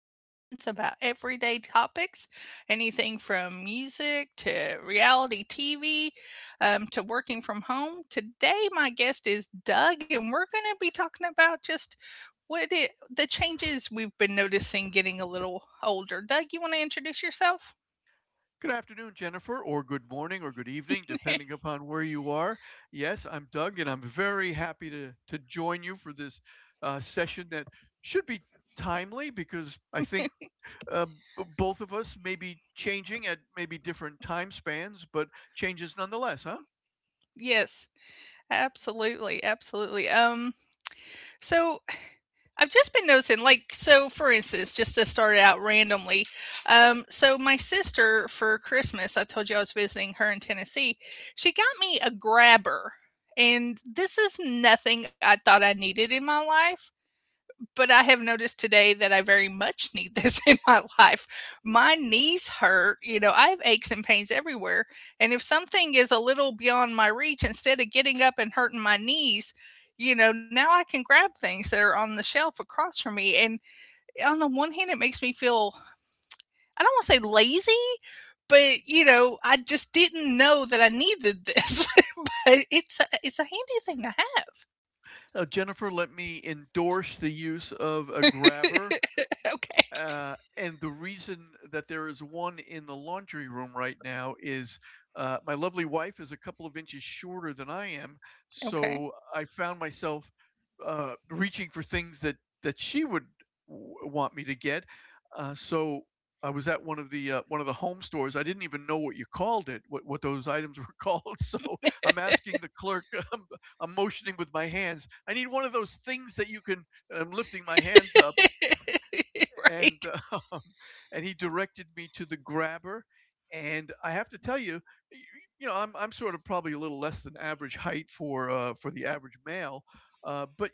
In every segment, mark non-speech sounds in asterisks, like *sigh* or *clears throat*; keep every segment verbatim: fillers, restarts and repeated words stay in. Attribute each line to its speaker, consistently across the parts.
Speaker 1: discussions about everyday topics, anything from music to reality T V um, to working from home. Today, my guest is Doug, and we're going to be talking about just what it, the changes we've been noticing getting a little older. Doug, you want to introduce yourself?
Speaker 2: Good afternoon, Jennifer, or good morning or good evening, depending
Speaker 1: *laughs*
Speaker 2: upon where you are. Yes, I'm Doug, and I'm very happy to, to join you for this uh, session that should be timely because I think uh, b- both of us may be changing at maybe different time spans, but changes nonetheless, huh?
Speaker 1: Yes, absolutely, absolutely. Um, so I've just been noticing, like, so for instance, just to start it out randomly, um, so my sister for Christmas, I told you I was visiting her in Tennessee, she got me a grabber. And this is nothing I thought I needed in my life, but I have noticed today that I very much need this *laughs* in my life. My knees hurt, you know, I have aches and pains everywhere, and if something is a little beyond my reach, instead of getting up and hurting my knees, you know, now I can grab things that are on the shelf across from me, and on the one hand, it makes me feel I don't wanna say lazy, but, you know, I just didn't know that I needed this, *laughs* but it's a it's a handy thing to have.
Speaker 2: Uh, Jennifer, let me endorse the use of a grabber.
Speaker 1: Okay,
Speaker 2: Uh, and the reason that there is one in the laundry room right now is uh, my lovely wife is a couple of inches shorter than I am,
Speaker 1: okay.
Speaker 2: so I found myself uh, reaching for things that that she would w- want me to get. Uh, so I was at one of the uh, one of the home stores. I didn't even know what you called it, what what those items were *laughs* called. So I'm asking the clerk. *laughs* I'm, I'm motioning with my hands. I need one of those things that you can. I'm lifting my hands up
Speaker 1: *laughs*
Speaker 2: and
Speaker 1: Right.
Speaker 2: um, and he directed me to the grabber. And I have to tell you, you know, I'm I'm sort of probably a little less than average height for uh, for the average male, uh, but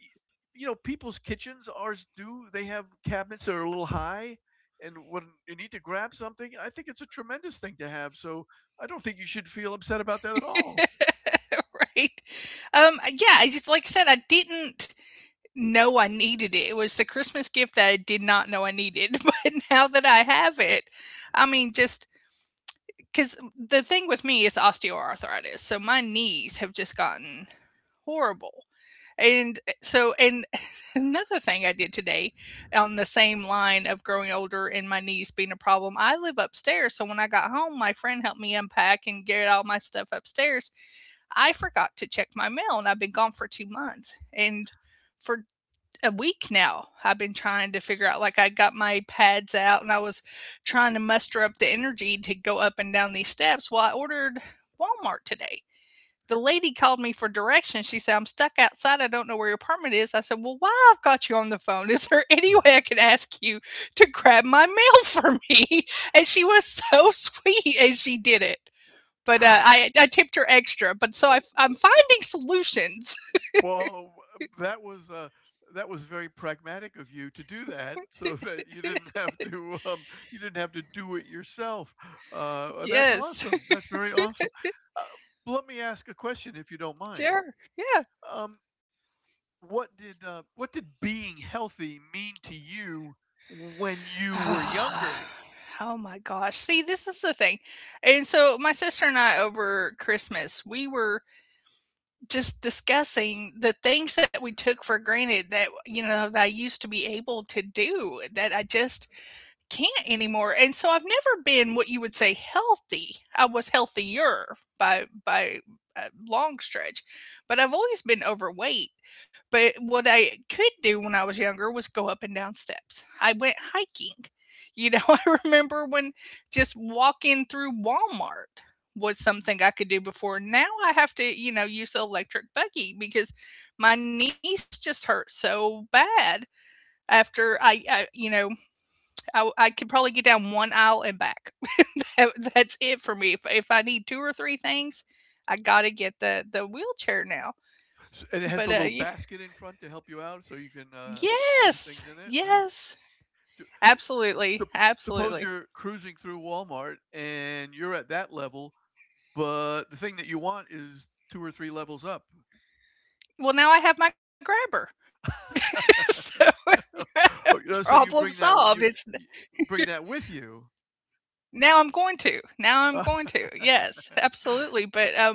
Speaker 2: you know, people's kitchens ours do they have cabinets that are a little high. And when you need to grab something, I think it's a tremendous thing to have. So I don't think you should feel upset about that at all.
Speaker 1: *laughs* Right? Um, yeah, I just, like I said, I didn't know I needed it. It was the Christmas gift that I did not know I needed, *laughs* but now that I have it, I mean, just because the thing with me is osteoarthritis, so my knees have just gotten horrible. And eh, so, and *laughs* another thing I did today on the same line of growing older and my knees being a problem, I live upstairs. So when I got home, my friend helped me unpack and get all my stuff upstairs. I forgot to check my mail and I've been gone for two months. And for a week now, I've been trying to figure out, like I got my pads out and I was trying to muster up the energy to go up and down these steps. Well, I ordered Walmart today. The lady called me for directions. She said, "I'm stuck outside. I don't know where your apartment is." I said, "Well, why, I've got you on the phone? Is there *laughs* any way I could ask you to grab my mail for me?" *laughs* And she was so *laughs* sweet and she did it, but uh, I I tipped her extra. But so I,
Speaker 2: Oh,
Speaker 1: I'm finding solutions.
Speaker 2: well, that was uh, that was very pragmatic of you to do that, *laughs* so that you didn't have to um, you didn't have to do it yourself.
Speaker 1: *laughs*
Speaker 2: Uh, that's
Speaker 1: Yes,
Speaker 2: awesome. That's very awesome. Uh, let me ask a question, if you don't
Speaker 1: *laughs*
Speaker 2: mind.
Speaker 1: sure, yeah.
Speaker 2: Um, what did uh, what did being healthy mean to you when you were
Speaker 1: *sighs*
Speaker 2: younger?
Speaker 1: Oh my gosh. See, this is the thing. And so my sister and I over Christmas, we were just discussing the things that we took for granted that, you know, that I used to be able to do that I just can't anymore. And so I've never been what you would say healthy. I was healthier by, by a long stretch, but I've always been overweight. But what I could do when I was younger was go up and down steps. I went hiking. You know, *laughs* I remember when just walking through Walmart was something I could do before. Now I have to, you know, use the electric buggy because my knees just hurt so bad after I, I you know, I, w- I can probably get down one aisle and back. *laughs* That- that's it for me. If, if I need two or three things, I gotta get the the wheelchair now.
Speaker 2: S- And it has a little
Speaker 1: But uh, y-
Speaker 2: basket in front to help you out, so you can uh, put
Speaker 1: yes,
Speaker 2: things in it, right?
Speaker 1: yes,
Speaker 2: Do,
Speaker 1: absolutely,
Speaker 2: Sup- suppose
Speaker 1: absolutely.
Speaker 2: you're cruising through Walmart and you're at that level, but the thing that you want is two or three levels up.
Speaker 1: Well, now I have my grabber, *laughs* so *laughs*
Speaker 2: *laughs* Or, you
Speaker 1: problem
Speaker 2: know, so you
Speaker 1: solved.
Speaker 2: bring
Speaker 1: It's
Speaker 2: that you, you bring that with you.
Speaker 1: Now I'm going to. Now I'm going
Speaker 2: Uh,
Speaker 1: to. Yes, absolutely. But um,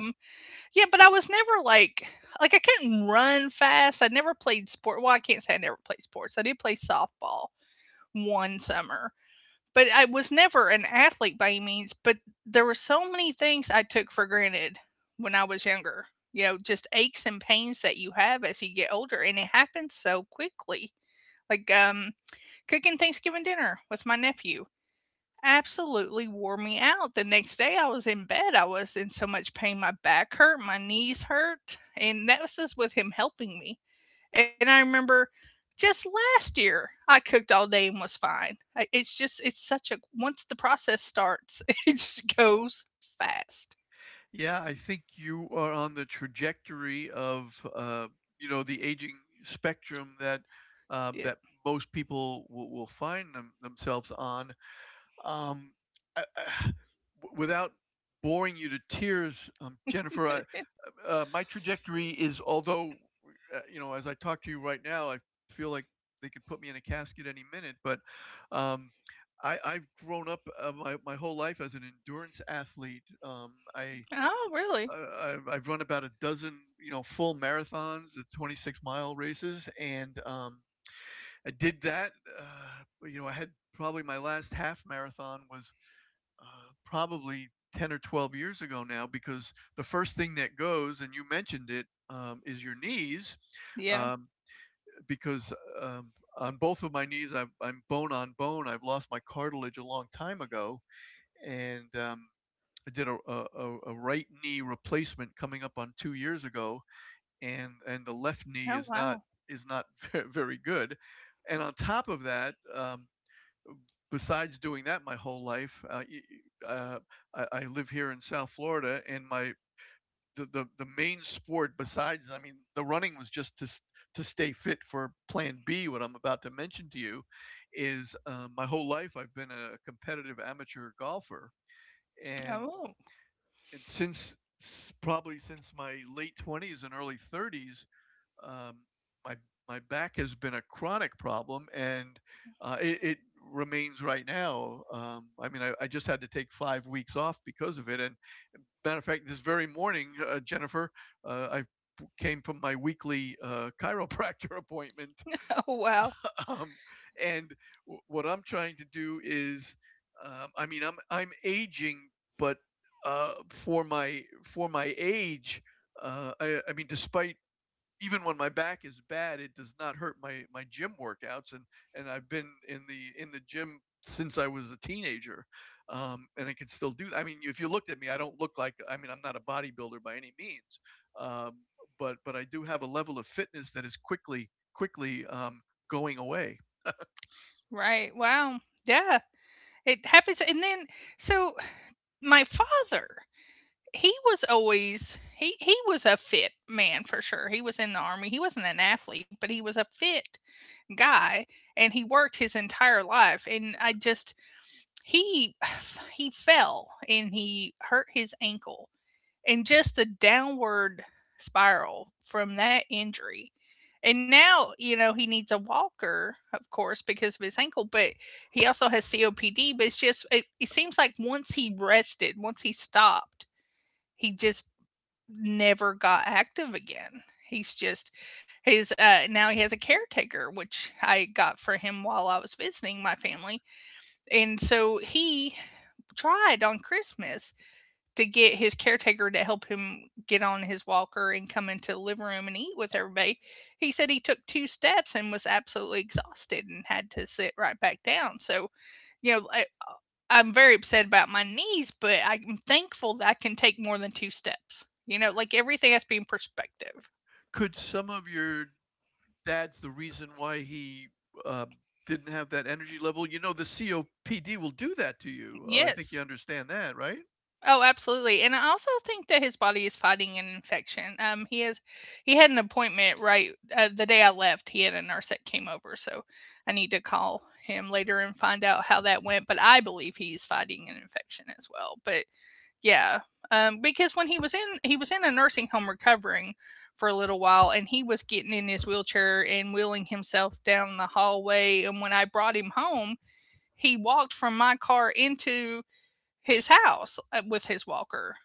Speaker 1: Yeah, but I was never like, like I couldn't run fast. I never played sport. Well, I can't say I never played sports. I did play softball one summer, but I was never an athlete by any means. But there were so many things I took for granted when I was younger. You know, just aches and pains that you have as you get older, and it happens so quickly. Like um, cooking Thanksgiving dinner with my nephew absolutely wore me out. The next day I was in bed, I was in so much pain, my back hurt, my knees hurt, and that was just with him helping me. And I remember just last year, I cooked all day and was fine. I- It's just, it's such a, once the process starts, *laughs* it just goes fast.
Speaker 2: yeah, I think you are on the trajectory of uh, you know the aging spectrum that um,
Speaker 1: Yeah.
Speaker 2: that most people will, will find them, themselves on. Um, I, I- w- Without boring you to tears, um, Jennifer, I, uh, my trajectory is, although, uh, you know, as I talk to you right now, I feel like they could put me in a casket any minute, but um, I, I've grown up uh, my, my whole life as an endurance athlete. Um, I,
Speaker 1: Oh,
Speaker 2: uh,
Speaker 1: really?
Speaker 2: I, I've run about a dozen, you know, full marathons, the twenty-six mile races, and um, I did that. Uh, you know, I had probably my last half marathon was uh, probably ten or twelve years ago now because the first thing that goes, and you mentioned it, um, is your knees.
Speaker 1: Yeah.
Speaker 2: Um, because um, on both of my knees, I've, I'm bone on bone. I've lost my cartilage a long time ago. And um, I did a, a, a- right knee replacement coming up on two years ago. And, and the left knee is
Speaker 1: Oh,
Speaker 2: not
Speaker 1: wow.
Speaker 2: is not *laughs* very, very good. And on top of that, um, besides doing that my whole life, uh, uh, I, I live here in South Florida, and my the, the the main sport besides, I mean, the running was just to to stay fit for Plan B. What I'm about to mention to you is uh, my whole life I've been a competitive amateur golfer, and
Speaker 1: Oh,
Speaker 2: and since probably since my late twenties and early thirties um, my my back has been a chronic problem, and uh, it, it remains right now. Um, I mean, I, I just had to take five weeks off because of it. And matter of fact, this very morning, uh, Jennifer, uh, I came from my weekly uh, *laughs* chiropractor appointment,
Speaker 1: *laughs* oh, wow.
Speaker 2: um, and w- what I'm trying to do is, um, I mean, I'm I'm aging, but uh, for my for my age, uh, I, I mean, despite even when my back is bad, it does not hurt my my gym workouts. And and I've been in the in the gym since I was a teenager, um, and I can still do that. I mean, if you looked at me, I don't look like. I mean, I'm not a bodybuilder by any means, um, but but I do have a level of fitness that is quickly quickly um, going away.
Speaker 1: Right. Wow. Yeah. It happens. And then, so my father, he was always, he he was a fit man for sure. He was in the army. He wasn't an athlete, but he was a fit guy and he worked his entire life and I just, he *sighs* he fell and he hurt his ankle and just the downward spiral from that injury. And now, you know, he needs a walker, of course, because of his ankle, but he also has C O P D, but it's just it, it seems like once he rested, once he stopped, he just never got active again. He's just he's uh now he has a caretaker which I got for him while I was visiting my family. And so he tried on Christmas to get his caretaker to help him get on his walker and come into the living room and eat with everybody. He said he took two steps and was absolutely exhausted and had to sit right back down. So, you know, I'm very upset about my knees, but I'm thankful that I can take more than two steps. You know, like everything has to be in perspective.
Speaker 2: Could some of your dad's the reason why he uh, didn't have that energy level? You know, the C O P D will do that to you. Uh, I think you
Speaker 1: Yes.
Speaker 2: understand that, right?
Speaker 1: Oh, absolutely. And I also think that his body is fighting an infection. Um, he has, he had an appointment right uh, the day I left. He had a nurse that came over, so I need to call him later and find out how that went. But I believe he's fighting an infection as well. But yeah. Um, because when he was in he was in a nursing home recovering for a little while and he was getting in his wheelchair and wheeling himself down the hallway and when I brought him home, he walked from my car into his house uh, with his walker.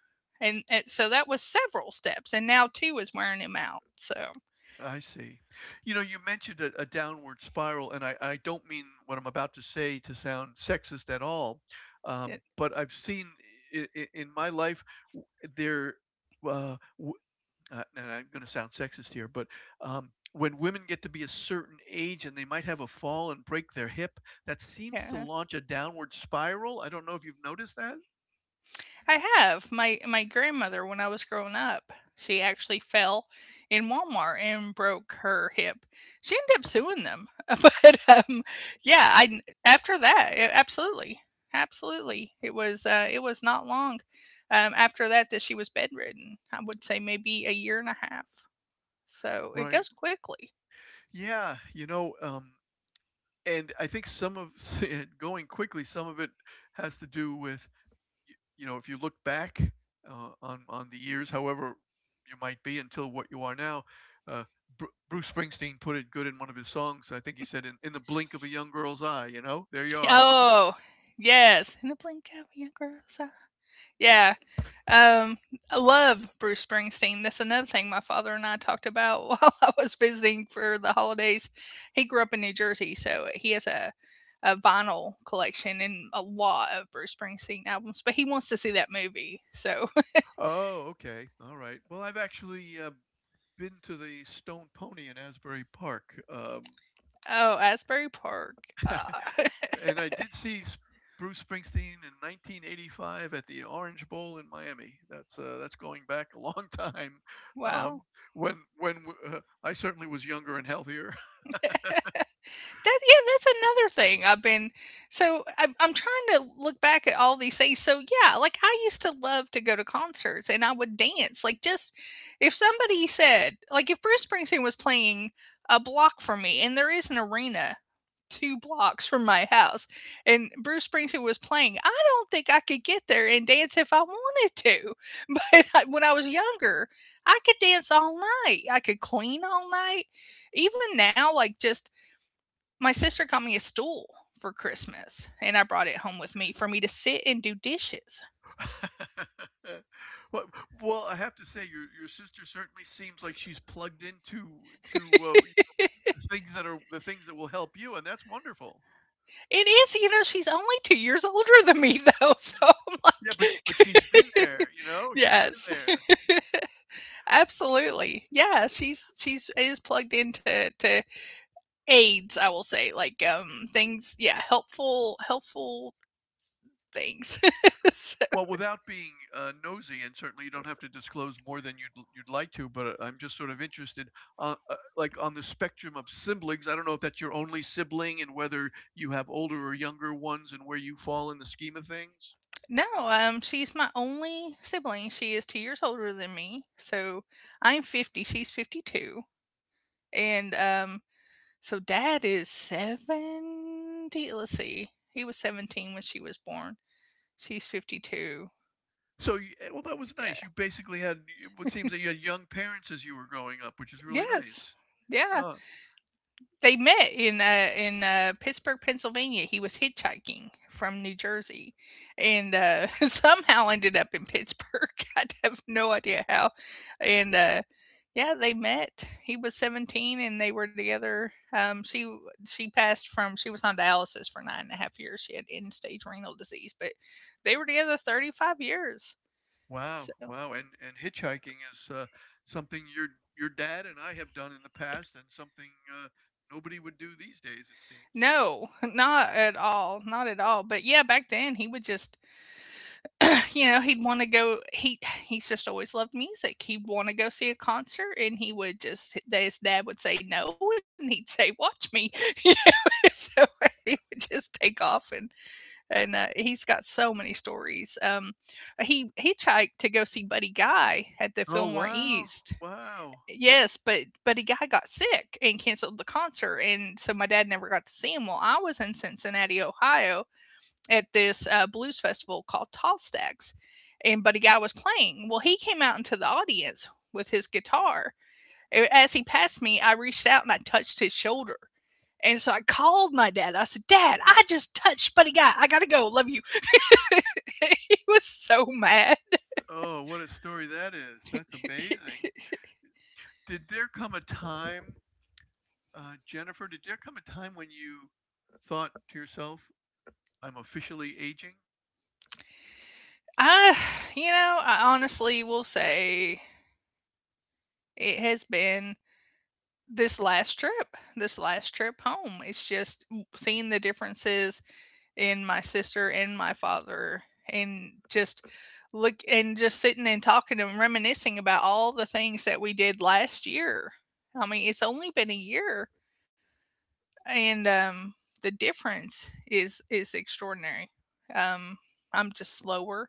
Speaker 1: And, and so that was several steps and now two is wearing him out. So
Speaker 2: I see. You know, you mentioned a, a downward spiral, and I, I don't mean what I'm about to say to sound sexist at all, um,
Speaker 1: it-
Speaker 2: but I've seen in, in my life w- there, uh, w- uh, and I'm going to sound sexist here, but um, when women get to be a certain age and they might have a fall and break their hip, that seems to
Speaker 1: yeah.
Speaker 2: launch a downward spiral. I don't know if you've noticed that.
Speaker 1: I have. My my grandmother, when I was growing up, she actually fell in Walmart and broke her hip. She ended up suing them. *laughs* But, um, yeah, I after that, a absolutely, absolutely. It was, uh, it was not long, um, after that that she was bedridden. I would say maybe a year and a half. So, it
Speaker 2: Right.
Speaker 1: goes quickly.
Speaker 2: Yeah. You know, um, and I think some of *laughs* and going quickly, some of it has to do with, y- you know, if you look back uh, on on the years, however you might be until what you are now. Uh, Bru Bruce Springsteen put it good in one of his songs. I think he said, "In, in the blink of a young girl's eye," you know, there you
Speaker 1: *laughs*
Speaker 2: are.
Speaker 1: Oh, yes. In the blink of your girl's eye. Yeah. Um, I love Bruce Springsteen. That's another thing my father and I talked about *laughs* while I was visiting for the holidays. He grew up in New Jersey, so he has a a vinyl collection and a lot of Bruce Springsteen albums, but he wants to see that movie. So,
Speaker 2: Oh, okay, all right. Well, I've actually uh, been to the Stone Pony in Asbury Park. Um,
Speaker 1: *laughs* oh, Asbury Park. Ah,
Speaker 2: and I did see Bruce Springsteen in nineteen eighty-five at the Orange Bowl in Miami. That's uh, that's going back a *laughs* long time.
Speaker 1: *laughs*
Speaker 2: Um,
Speaker 1: wow.
Speaker 2: when when uh, I certainly was younger and healthier. *laughs*
Speaker 1: That yeah, that's another thing I've been, so I'm I'm trying to look back at all these things. So yeah, like I used to love to go to concerts and I would dance. Like, just if somebody said, like if Bruce Springsteen was playing a block from me and there is an arena two blocks from my house and Bruce Springsteen was playing, I don't think I could get there and dance if I wanted to. *laughs* But I, when I was younger, I could dance all night. I could clean all night. Even now, like just my sister got me a stool for Christmas, and I brought it home with me for me to sit and do dishes.
Speaker 2: *laughs* Well, well, I have to say, your your sister certainly seems like she's plugged into to uh, things that are the things that will help you, and that's wonderful.
Speaker 1: It is, you know, she's only two years older than me, though. *laughs* So I'm
Speaker 2: Yeah, but but she's been
Speaker 1: like,
Speaker 2: there, you know,
Speaker 1: *laughs*
Speaker 2: she's been
Speaker 1: yes,
Speaker 2: there.
Speaker 1: absolutely, yeah. She's she's is plugged into to aids, I will say, like um things, yeah, helpful helpful things. *laughs* So-
Speaker 2: Well, without being uh, nosy, and certainly you don't have to disclose more than you'd you'd like to, but uh, I'm just sort of interested, uh, uh, like on the spectrum of siblings. I don't know if that's your only sibling, and whether you have older or younger ones, and where you fall in the scheme of things.
Speaker 1: no, um, she's my only sibling. She is two years older than me, so I'm fifty. She's fifty two, and um so dad is seventy. Let's see. He was seventeen when she was born. She's fifty-two.
Speaker 2: So, you, eh, well, that was
Speaker 1: Yeah.
Speaker 2: nice. You basically had what seems that you had young parents as you were growing up, which is
Speaker 1: *laughs*
Speaker 2: really
Speaker 1: Yes.
Speaker 2: nice.
Speaker 1: Yeah.
Speaker 2: Oh,
Speaker 1: They met in uh, in uh, Pittsburgh, Pennsylvania. He was hitchhiking from New Jersey, and uh, *laughs* somehow ended up in Pittsburgh. *laughs* I have no idea how. And uh, yeah, they met. He was seventeen, and they were together. Um, she she passed from she was on dialysis for nine and a half years. She had end stage renal disease, but they were together thirty five years.
Speaker 2: wow,
Speaker 1: So
Speaker 2: wow. And and hitchhiking is uh, something your your dad and I have done in the past, and something uh, nobody would do these days, it seems.
Speaker 1: no, *laughs* not at all, not at all. But yeah, back then he would just you know, he'd want to go. He he's just always loved music. He'd want to go see a concert, and he would just his dad would say no, and he'd say, "Watch me," *laughs* you know. *laughs* So he would just take off, and and uh, he's got so many stories. Um, he hitchhiked to go see Buddy Guy at the
Speaker 2: Oh,
Speaker 1: Fillmore
Speaker 2: wow,
Speaker 1: East.
Speaker 2: wow.
Speaker 1: Yes, but Buddy Guy got sick and canceled the concert, and so my dad never got to see him. Well, I was in Cincinnati, Ohio, at this uh, blues festival called Tall Stacks, and Buddy Guy was playing. Well, he came out into the audience with his guitar. As he passed me, I reached out and I touched his shoulder. And so I called my dad. I said, "Dad, I just touched Buddy Guy. I gotta go. Love you." *laughs* He was so mad.
Speaker 2: Oh, what a story that is. That's amazing. Did there come a time, uh, Jennifer? Did there come a time when you thought to yourself, "I'm officially aging"?
Speaker 1: I, you know, I honestly will say it has been this last trip, this last trip home. It's just seeing the differences and my sister and my father, and just look and just sitting and talking and reminiscing about all the things that we did last year. I mean, it's only been a year, and um the difference is is extraordinary. Um I'm just slower.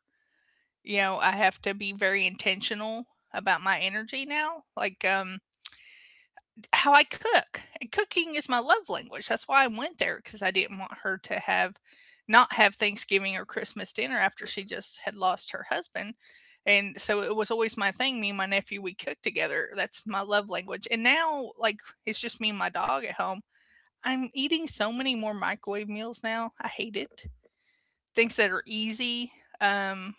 Speaker 1: You know, I have to be very intentional about my energy now. Like, um how I cook, and cooking is my love language. That's why I went there, because I didn't want her to have not have Thanksgiving or Christmas dinner after she just had lost her husband. And so it was always my thing. Me and my nephew, we cook together, that's my love language. And now, like, it's just me and my dog at home. I'm eating so many more microwave meals now, I hate it. Things that are easy, um,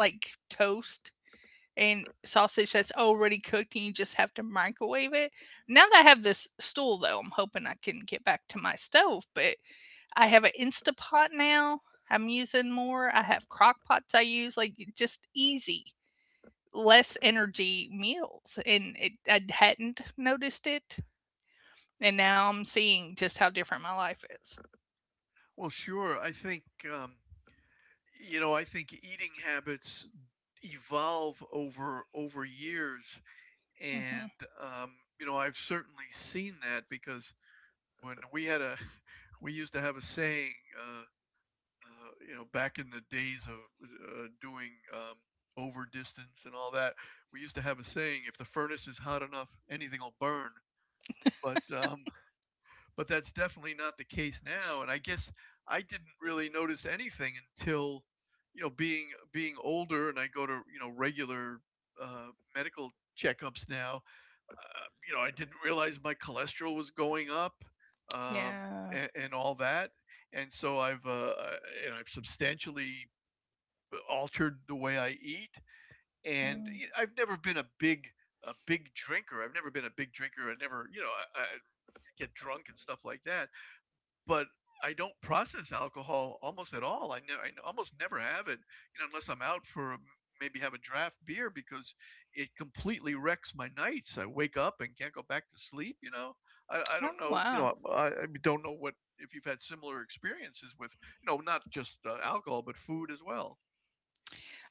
Speaker 1: like toast and sausage that's already cooked and you just have to microwave it. Now that I have this stool though, I'm hoping I can get back to my stove, but I have an Instapot now. I'm using more. I have crock pots I use, like, just easy, less energy meals. And it, I hadn't noticed it. And now I'm seeing just how different my life is.
Speaker 2: Well, sure. I think. Um, You know, I think eating habits evolve over over years,
Speaker 1: Hmm.
Speaker 2: and um, you know, I've certainly seen that because when we had a, *laughs* we used to have a saying, uh, uh, you know, back in the days of uh, doing um, over distance and all that, we used to have a saying: if the furnace is hot enough, anything will burn. But um, but that's definitely not the case now. And I guess I didn't really notice anything until you know being being older, and I go to you know regular uh, medical checkups now. Uh, you know, I didn't realize my cholesterol was going up um,
Speaker 1: Yeah.
Speaker 2: and, and all that. And so I've uh, and I've substantially altered the way I eat, and
Speaker 1: Mm.
Speaker 2: i I've never been a big a big drinker. I've never been a big drinker. I never, you know, I, I get drunk and stuff like that but I don't process alcohol almost at all. I know I almost never have it, you know, unless I'm out for a- maybe have a draft beer because it completely wrecks my nights. I wake up and can't go back to sleep. You know, I, I
Speaker 1: Oh,
Speaker 2: don't know. You
Speaker 1: wow.
Speaker 2: know, I, I don't know what if you've had similar experiences with you know not just uh, alcohol but food as well.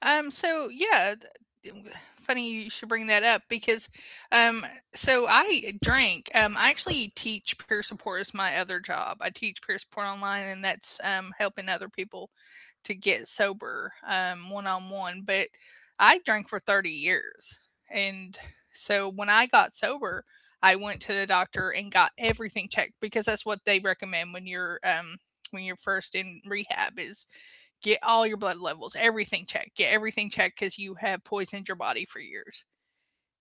Speaker 1: Um, so yeah, th- funny you should bring that up, because um, so I drank. Um, I actually teach peer support as my other job. I teach peer support online, and that's um helping other people to get sober, um, one on one. But I drank for thirty years, and so when I got sober, I went to the doctor and got everything checked, because that's what they recommend when you're um when you're first in rehab, is get all your blood levels, everything checked, get everything checked, because you have poisoned your body for years.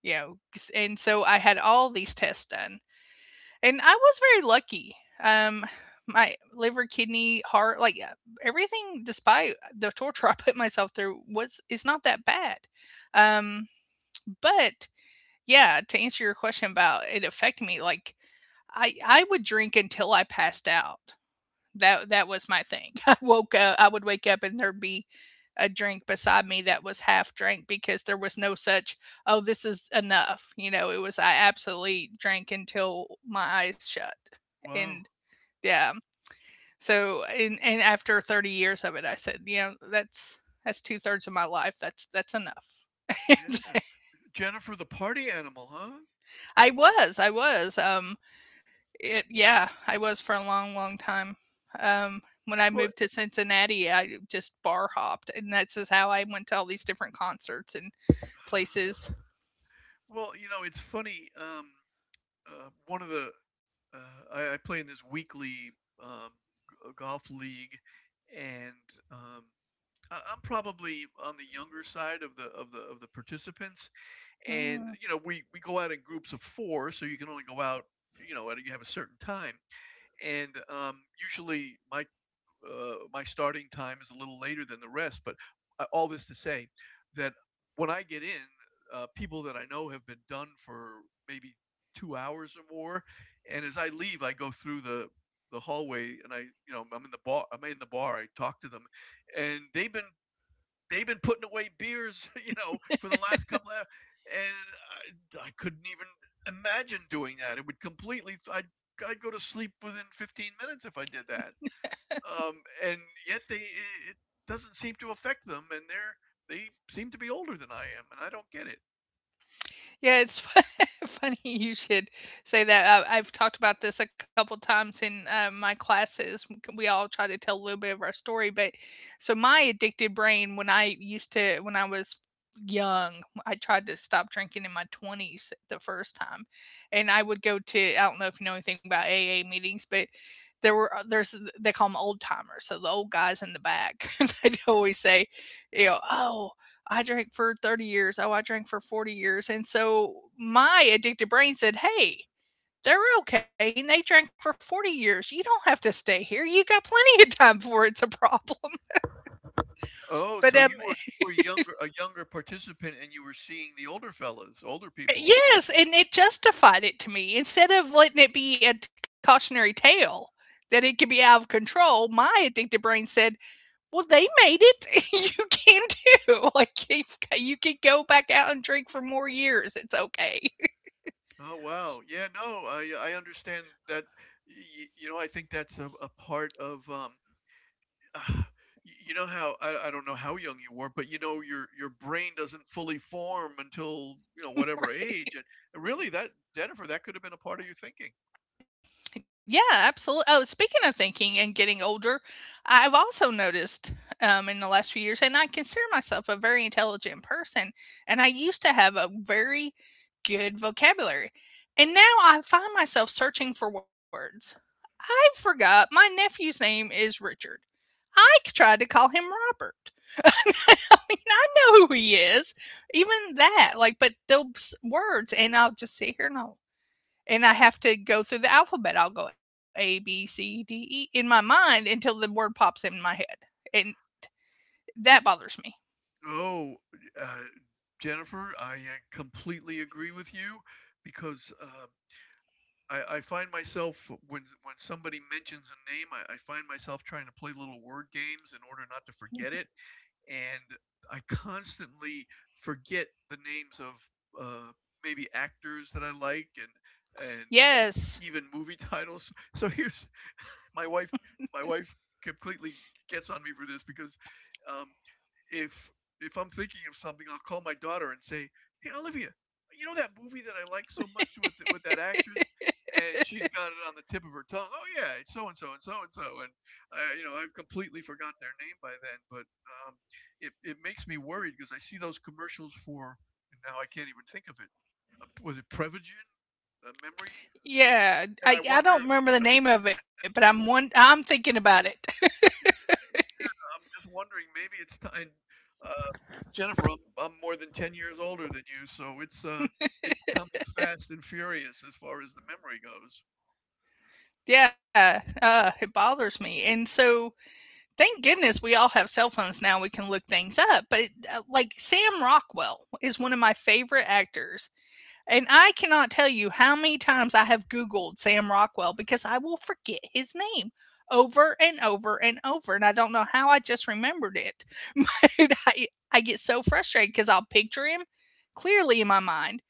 Speaker 1: You know. And so I had all these tests done, and I was very lucky. Um, my liver, kidney, heart, like, uh, everything, despite the torture *laughs* I put myself through, was is not that bad. Um, but yeah, to answer your question about it affecting me, like, I I would drink until I passed out. That that was my thing. *laughs* I woke up. I would wake up and there'd be a drink beside me that was half drank, because there was no such "oh, this is enough." You know, it was, I absolutely drank until my eyes shut.
Speaker 2: Wow.
Speaker 1: And yeah, so and and after thirty years of it, I said, you know, that's that's two thirds of my life. That's that's enough. *laughs*
Speaker 2: Yeah. Jennifer the party animal, huh?
Speaker 1: I was, I was. Um, It Yeah, I was for a long, long time. Um, when I
Speaker 2: Well,
Speaker 1: moved to Cincinnati, I just bar hopped, and that's just how I went to all these different concerts and
Speaker 2: *sighs*
Speaker 1: places.
Speaker 2: well, you know, it's funny. Um, uh, one of the uh, I, I play in this weekly um, g- uh, golf league, and um, I, I'm probably on the younger side of the of the of the participants. And
Speaker 1: Mm.
Speaker 2: you know, we we go out in groups of four, so you can only go out. You know, at a, You have a certain time, and um, usually my uh, my starting time is a little later than the rest. But uh, all this to say that when I get in, uh, people that I know have been done for maybe two hours or more, and as I leave, I go through the the hallway, and I, you know, I'm in the bar. I'm in the bar. I talk to them, and they've been they've been putting away beers, *laughs* you know, for the last couple of, hours, and I, I couldn't even imagine doing that. It would completely. I'd I'd go to sleep within fifteen minutes if I did that, um, and yet they it doesn't seem to affect them, and they're they seem to be older than I am, and I don't get it.
Speaker 1: Yeah, it's fu *laughs* funny you should say that. I I've talked about this a couple times in, uh, my classes. We all try to tell a little bit of our story, but so my addicted brain, when I used to when I was young, I tried to stop drinking in my twenties the first time, and I would go to I don't know if you know anything about A A meetings, but there were uh, there's they call them old timers, so the old guys in the back, *laughs* they'd always say, you know, "Oh, I drank for thirty years. Oh, I drank for forty years." And so my addicted brain said, "Hey, they're okay and they drank for forty years. You don't have to stay here. You got plenty of time before it's a problem." *laughs*
Speaker 2: Oh,
Speaker 1: But
Speaker 2: so
Speaker 1: um,
Speaker 2: you were you were younger, a younger participant, and you were seeing the older fellas, older
Speaker 1: eh,
Speaker 2: people.
Speaker 1: yes, and it justified it to me. Instead of letting it be a cautionary tale that it could be out of control, my addicted brain said, "Well, they made it. *laughs* You can too. *laughs* Like, you've got- you can go back out and drink for more years. It's okay."
Speaker 2: Oh, wow, yeah, no, I I understand that. Y- you know, I think that's a, a part of um. *sighs* y- You know how I, I don't know how young you were, but you know your your brain doesn't fully form until you know whatever
Speaker 1: *laughs*
Speaker 2: age, and really that, Jennifer, that could have been a part of your thinking.
Speaker 1: Yeah, absolutely. Oh, speaking of thinking and getting older, I've also noticed, um, in the last few years, and I consider myself a very intelligent person, and I used to have a very good vocabulary. And now I find myself searching for words. I forgot my nephew's name is Richard. I c- tried to call him Robert. *laughs* I mean, I know who he is. Even that, like, but those words, and I'll just sit here, and I'll and I have to go through the alphabet. I'll go A, B, C, D, E in my mind until the word pops in my head. And that bothers
Speaker 2: Oh, uh, Jennifer, I uh, completely agree with you, because uh, I, I find myself when when somebody mentions a name, I, I find myself trying to play little word games in order not to forget it,
Speaker 1: me.
Speaker 2: and I constantly forget the names of uh, maybe actors that I like, and and even
Speaker 1: Yes.
Speaker 2: movie *laughs* titles. So here's *laughs* my wife. My wife completely gets on me for this because, um, if if I'm thinking of something, I'll call my daughter and say, "Hey, Olivia, you know that movie that I like so much with with that actress?" And she's got it on the tip of her tongue. Oh, yeah, it's so and so and so and so. And I, you know, I've completely forgot their name by then. But, um, it it makes me worried because I see those commercials for, and now I can't even think of it. Uh, was it Prevagen? A memory. And I
Speaker 1: Yeah. I,
Speaker 2: wonder,
Speaker 1: I don't remember the name of it, but I'm one I'm thinking about it. *laughs*
Speaker 2: I'm just wondering, maybe it's time, uh, Jennifer. I'm, I'm more than ten years older than you, so it's uh, it's coming fast and furious as far as the memory goes.
Speaker 1: Yeah. Uh it bothers me. And so thank goodness, we all have cell phones now, we can look things up. But, uh, like, Sam Rockwell is one of my favorite actors. And I cannot tell you how many times I have Googled Sam Rockwell, because I will forget his name over and over and over. And I don't know how I just remembered it. *laughs* But I, I get so frustrated, because I'll picture him clearly in my mind,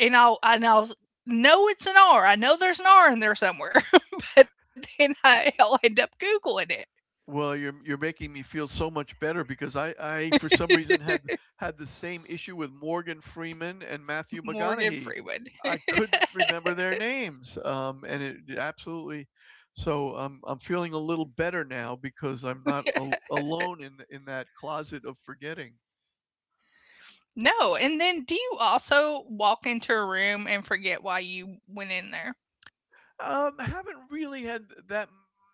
Speaker 1: and I'll, and I'll know it's an R. I know there's an R in there somewhere, *laughs* but then I, I'll end up Googling it.
Speaker 2: Well, you're you're making me feel so much better, because I, I for some reason had had the same issue with Morgan Freeman and Matthew
Speaker 1: Morgan
Speaker 2: McConaughey.
Speaker 1: Freeman.
Speaker 2: I
Speaker 1: *laughs*
Speaker 2: couldn't remember their names, um, and it it absolutely. So, um, I'm feeling a little better now, because I'm not al- alone in in that closet of forgetting.
Speaker 1: No. And then, do you also walk into a room and forget why you went in there?
Speaker 2: Um, haven't really had that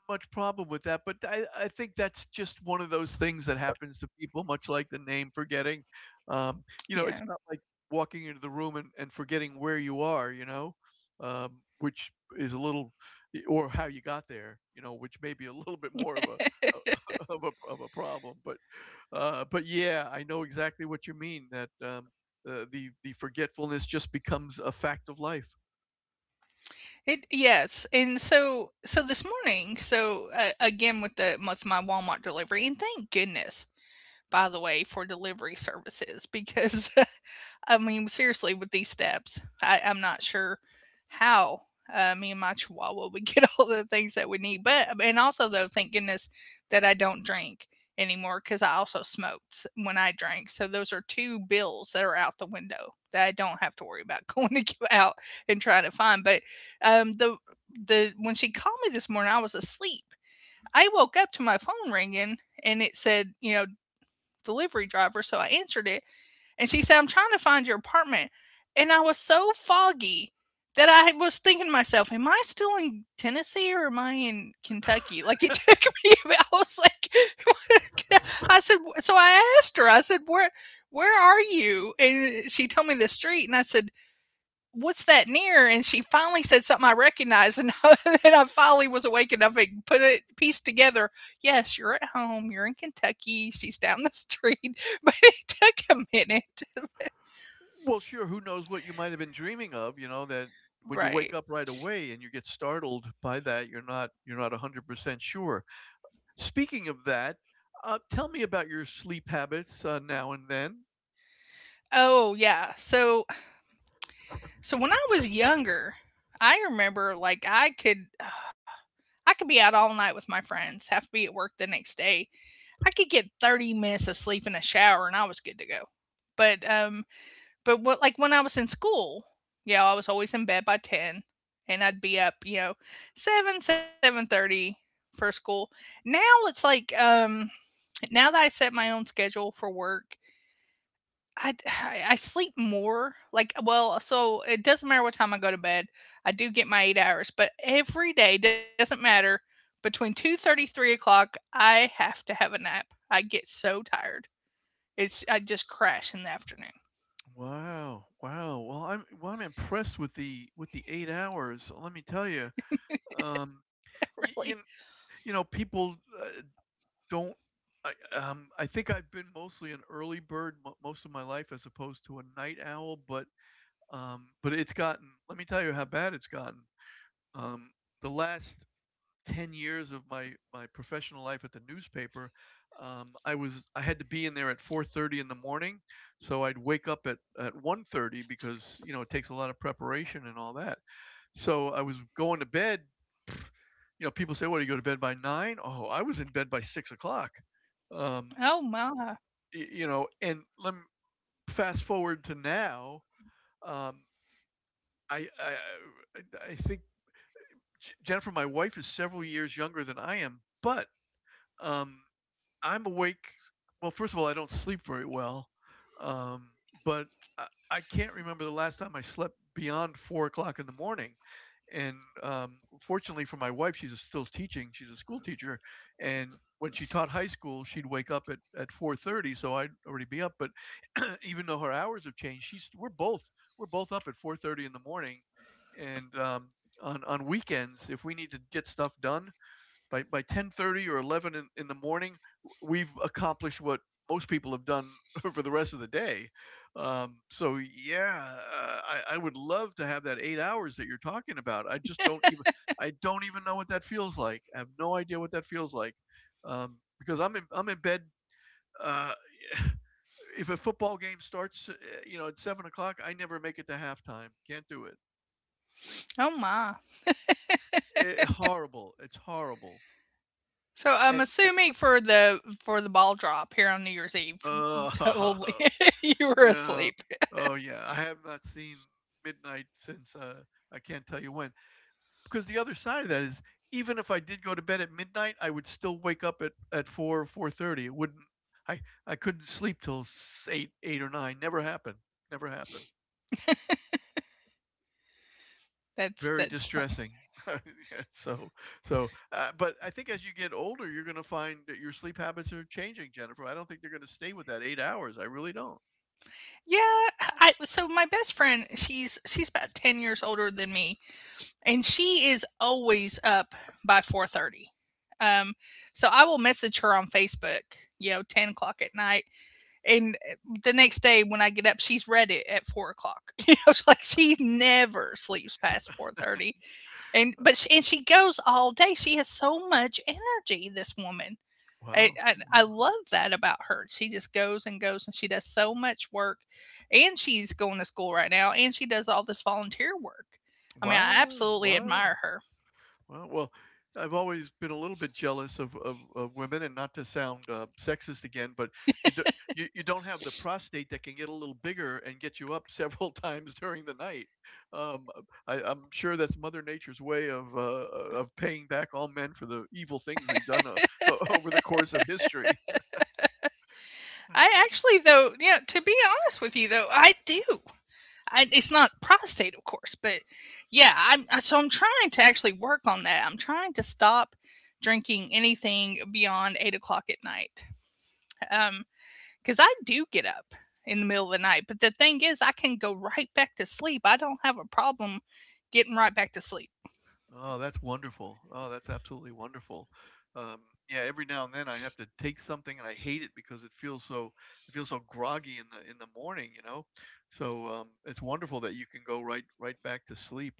Speaker 2: much problem with that, but I I think that's just one of those things that happens to people, much like the name forgetting. Um, you know,
Speaker 1: Yeah.
Speaker 2: it's not like walking into the room and, and forgetting where you are, you know, um, which is a little, or how you got there, you know, which may be a *laughs* little bit more of a *laughs* of a of a problem. But uh, but yeah, I know exactly what you mean. That, um, uh, the the forgetfulness just becomes a fact of life.
Speaker 1: It Yes, and so so this morning, so uh, again with the, what's my Walmart delivery, and thank goodness, by the way, for delivery services, because, *laughs* I mean, seriously, with these steps, I, I'm not sure how, uh, me and my chihuahua would get *laughs* all the things that we need. But, um, and also, though, thank goodness that I don't drink anymore, because I also smoked when I drank. So those are two bills that are out the window that I don't have to worry about *laughs* going to give out and trying to find. But, um, the, the, when she called me this morning, I was asleep. I woke up to my phone ringing, and it said, you know, "delivery driver," so I answered it. And she said, "I'm trying to find your apartment." And I was so foggy that I was thinking to myself, am I still in Tennessee, or am I in Kentucky? Like, it *laughs* took me a bit- I was like, *laughs* I said, so I asked her, I said, where, where are you?" And she told me the street. And I said, "What's that near?" And she finally said something I recognized, and, *laughs* and I finally was awake enough and put it piece together. "Yes, you're at home. You're in Kentucky." She's down the street, *laughs* but it took a minute,
Speaker 2: Well, sure, who knows what you might have been dreaming of, you know, that when you wake
Speaker 1: right?
Speaker 2: up right away and you get startled by that, you're not you're not one hundred percent sure. Speaking of that, uh, tell me about your sleep habits, uh, now and then.
Speaker 1: Oh, yeah. So so when I was younger, I remember, like, I could I could be out all night with my friends, have to be at work the next day. I could get thirty minutes of sleep in a shower, and I was good to go. But um, but what, like, when I was in school, you know, I was always in bed by ten, and I'd be up, you know, seven seven thirty for school. Now it's like, um now that I set my own schedule for work, I *sighs* I I sleep more. Like, well, so it doesn't matter what time I go to bed. I do get my eight hours, but every day doesn't matter. Between two thirty, three o'clock, I have to have a nap. I get so tired. It's I just crash in the afternoon.
Speaker 2: Wow. Wow. Well, I'm, well, I'm impressed with the with the eight hours. Let me tell you. Um
Speaker 1: *laughs* Really.
Speaker 2: you you, you know, people, uh, don't, I, um, I think I've been mostly an early bird mo most of my life, as opposed to a night owl, but Um, but it's gotten. Let me tell you how bad it's gotten. Um, the last ten years of my my professional life at the newspaper, um, I was I had to be in there at four thirty in the morning, so I'd wake up at at one thirty, because you know it takes a lot of preparation and all that. So I was going to bed. You know, people say, "What do you go to bed by nine?" Oh, I was in bed by six o'clock.
Speaker 1: Oh
Speaker 2: Um,
Speaker 1: my.
Speaker 2: you know, and let me fast forward to now. Um, I I I think, Jennifer, my wife is several years younger than I am, but, um, I'm awake. Well, first of all, I don't sleep very well, um, but I, I can't remember the last time I slept beyond four o'clock in the morning. And, um, fortunately for my wife, she's a, still teaching. She's a school teacher, and when she taught high school, she'd wake up at, at four thirty, so I'd already be up. But *clears throat* even though her hours have changed, she's we're both we're both up at four thirty in the morning, and, um, on on weekends, if we need to get stuff done, by by ten thirty or eleven in, in the morning, we've accomplished what most people have done *laughs* for the rest of the day. Um, so yeah, uh, I, I would love to have that eight hours that you're talking about. I just don't even I don't even know what that feels like. I have no idea what that feels like, um, because I'm in I'm in bed. Uh, *laughs* if a football game starts, uh, you know, at seven o'clock, I never make it to halftime. Can't do it.
Speaker 1: Oh my.
Speaker 2: It horrible. It's horrible.
Speaker 1: So I'm
Speaker 2: And
Speaker 1: assuming for the for the ball drop here on New Year's Eve,
Speaker 2: uh,
Speaker 1: *laughs* totally
Speaker 2: *laughs*
Speaker 1: *laughs* you were
Speaker 2: Uh,
Speaker 1: asleep.
Speaker 2: oh, yeah, I have not seen midnight since uh, I can't tell you when. Because the other side of that is, even if I did go to bed at midnight, I would still wake up at at four or four thirty. It wouldn't. I I couldn't sleep till s- eight eight or nine. Never happened. Never happened.
Speaker 1: That's
Speaker 2: Very
Speaker 1: that's funny.
Speaker 2: distressing. *laughs* Yeah. So so uh, but I think, as you get older, you're going to find that your sleep habits are changing, Jennifer. I don't think they're going to stay with that eight hours. I really don't.
Speaker 1: Yeah, I so my best friend, she's she's about ten years older than me, and she is always up by four thirty. Um, so I will message her on Facebook, you know, ten o'clock at night, and eh, the next day when I get up, she's read it at four o'clock. *laughs* You know, it's like she never sleeps past four thirty. and but she, and she goes all day. She has so much energy. This woman, I,
Speaker 2: Wow,
Speaker 1: I I love that about her. She just goes and goes, and she does so much work, and she's going to school right now, and she does all this volunteer work. I mean, I
Speaker 2: wow,
Speaker 1: absolutely
Speaker 2: wow,
Speaker 1: admire her.
Speaker 2: wow. Well well, I've always been a little bit jealous of of of women, and not to sound, uh, sexist again, but you do you you don't have the prostate that can get a little bigger and get you up several *laughs* times during the night. Um, I I'm sure that's Mother Nature's way of, uh, of paying back all men for the evil things we've done, uh, *laughs* over the course of history.
Speaker 1: I actually, though, yeah, to be honest with you, though, I do. I, it's not prostate, of course, but yeah, I'm I- so I'm trying to actually work on that. I'm trying to stop drinking anything beyond eight o'clock at night. Um, Because I do get up in the middle of the night, but the thing is, I can go right back to sleep. I don't have a problem getting right back to sleep.
Speaker 2: Oh, that's wonderful. Oh, that's absolutely wonderful. Um, yeah, every now and then I have to take something, and I hate it because it feels so. I feel so groggy in the in the morning, you know. So, um, it's wonderful that you can go right right back to sleep.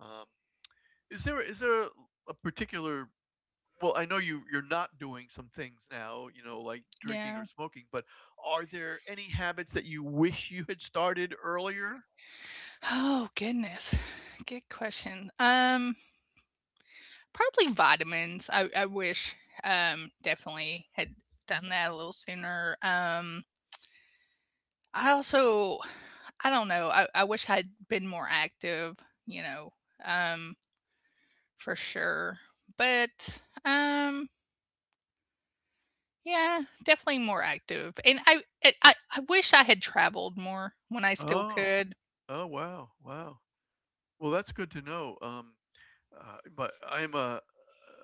Speaker 2: Um, is there is there a, a particular? Well, I know you you're not doing some things now, you know, like drinking
Speaker 1: Yeah.
Speaker 2: or smoking. But are there any habits that you wish you had started earlier?
Speaker 1: Oh goodness. Good question. Um, probably vitamins. I, I wish um definitely had done that a little sooner. Um, I also I don't know. I, I wish I'd been more active, you know, um, for sure. But um Yeah, definitely more active, and I I I I wish I had traveled more when I still
Speaker 2: Oh,
Speaker 1: could.
Speaker 2: oh, wow, wow. Well, that's good to know. Um, Uh, but I'm a,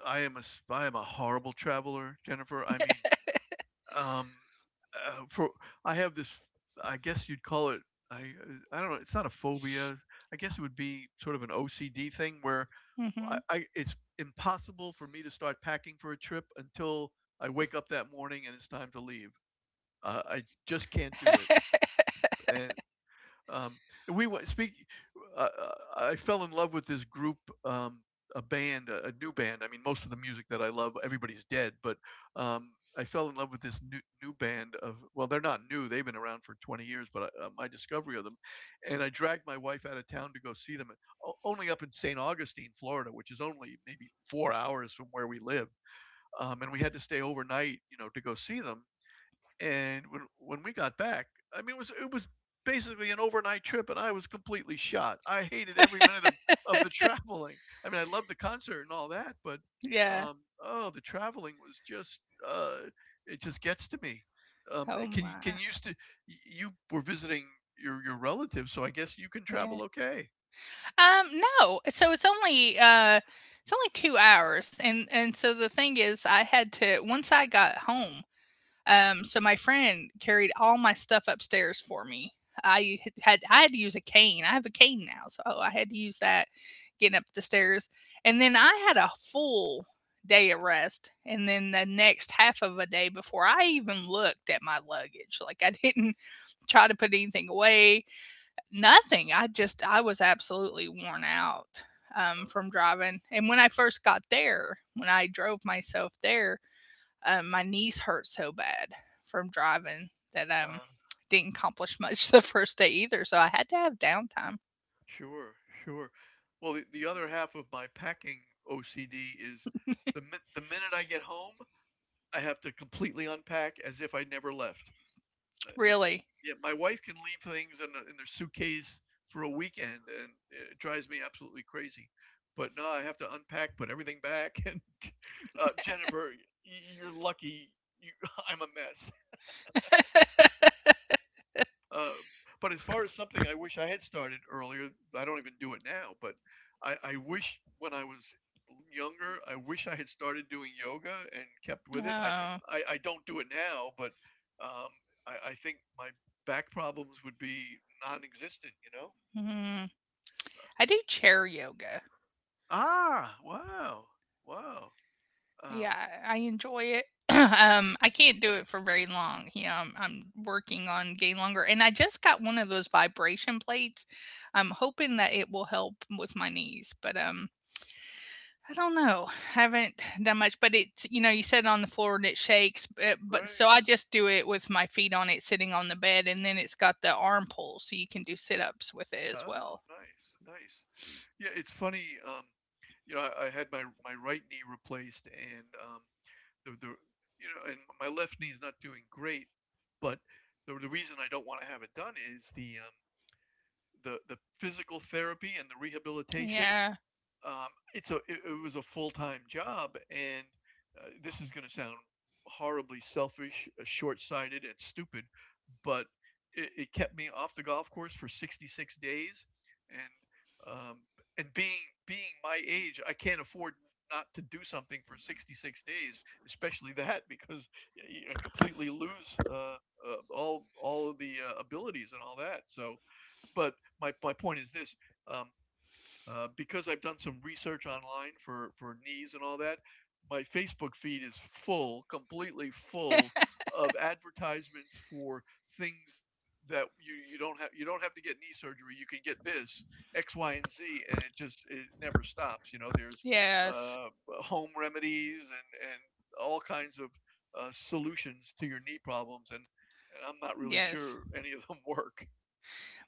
Speaker 2: I am a s- I am a horrible traveler, Jennifer. I mean, um, uh, for I have this. I guess you'd call it, I, uh, I don't know. It's not a phobia. I guess it would be sort of an O C D thing where I,
Speaker 1: Mhm.
Speaker 2: I it's impossible for me to start packing for a trip until I wake up that morning and it's time to leave. Uh, I just can't do it, and, um, we went speak. Uh, uh, I fell in love with this group, um, a band, a, a new band. I mean, most of the music that I love, everybody's dead, but, um, I fell in love with this new new band of. Well, they're not new; they've been around for twenty years, but I, uh, my discovery of them, and I dragged my wife out of town to go see them, o- only up in saint Augustine, Florida, which is only maybe four hours from where we live. Um, and we had to stay overnight, you know, to go see them, and when when we got back, I mean, it was it was basically an overnight trip, and I was completely shot. I hated every minute of of the *laughs* traveling. I mean, I loved the concert and all that, but,
Speaker 1: Yeah.
Speaker 2: um, oh, the traveling was just, uh, it just gets to me. Um,
Speaker 1: Oh
Speaker 2: can you can
Speaker 1: my.
Speaker 2: you st- y- You were visiting your your relatives, so I guess you can
Speaker 1: Yeah.
Speaker 2: travel okay.
Speaker 1: Um, no, so it's only, uh, it's only two hours, and and so the thing is I had to once I got home. Um, so my friend carried all my stuff upstairs for me. I had I had to use a cane. I have a cane now, so I had to use that getting up the stairs. And then I had a full day of rest, and then the next half of a day before I even looked at my luggage. Like I *laughs* didn't try to put anything away. Nothing. I just I was absolutely worn out um, from driving. And when I first got there, when I drove myself there, um, my knees hurt so bad from driving that um
Speaker 2: Uh,
Speaker 1: didn't accomplish much *laughs* the first day either. So I had to have downtime.
Speaker 2: sure, sure. Well, the, the other half of my packing O C D is the min- the minute I get home, I have to completely unpack as if I never left. Uh,
Speaker 1: Really,
Speaker 2: yeah, my wife can leave things in, a- in their suitcase for a weekend, and it drives me absolutely crazy. But no, I have to unpack, put everything back. *laughs* And uh, Jennifer, y- you're lucky. You, *laughs* I'm a mess. Uh, but as far as something I wish I had started earlier, I don't even do it now. But I, I wish when I was younger, I wish I had started doing yoga and kept with it. I,
Speaker 1: uh,
Speaker 2: I, I don't do it now, but um, I, I think my back problems would be non-existent. You know?
Speaker 1: mm, I do chair yoga.
Speaker 2: Ah, wow, wow. Um,
Speaker 1: Yeah, I enjoy it. *clears throat* um, I can't do it for very long. You know, I'm, I'm working on getting longer, and I just got one of those vibration plates. I'm hoping that it will help with my knees, but um, I don't know. Haven't done much, but it's you know, you sit on the floor and it shakes. But, but so
Speaker 2: right.
Speaker 1: I just do it with my feet on it, sitting on the bed, and then it's got the arm pull, so you can do sit ups with it as
Speaker 2: Oh,
Speaker 1: well.
Speaker 2: nice, nice. Yeah, it's funny, um, you know, I, I had my my right knee replaced, and um the the you know, and my left knee is not doing great, but the the reason I don't want to have it done is the um the the physical therapy and the rehabilitation.
Speaker 1: Yeah.
Speaker 2: um, it's a it, it was a full time job, and uh, this is going to sound horribly selfish, short sighted, and stupid, but it, it kept me off the golf course for sixty-six days, and um, and being being my age, I can't afford not to do something for sixty-six days, especially that because y- I completely lose uh, uh, all all of the uh, abilities and all that. So, but my my point is this: um, uh, because I've done some research online for, for knees and all that, my Facebook feed is full, completely full of advertisements for things that you, you don't have you don't have to get knee surgery. You can get this X, Y, and Z, and it just it never stops. You know, there's
Speaker 1: Yes.
Speaker 2: uh, home remedies and and all kinds of uh, solutions to your knee problems, and and I'm not really
Speaker 1: Yes.
Speaker 2: sure any of them *laughs* work.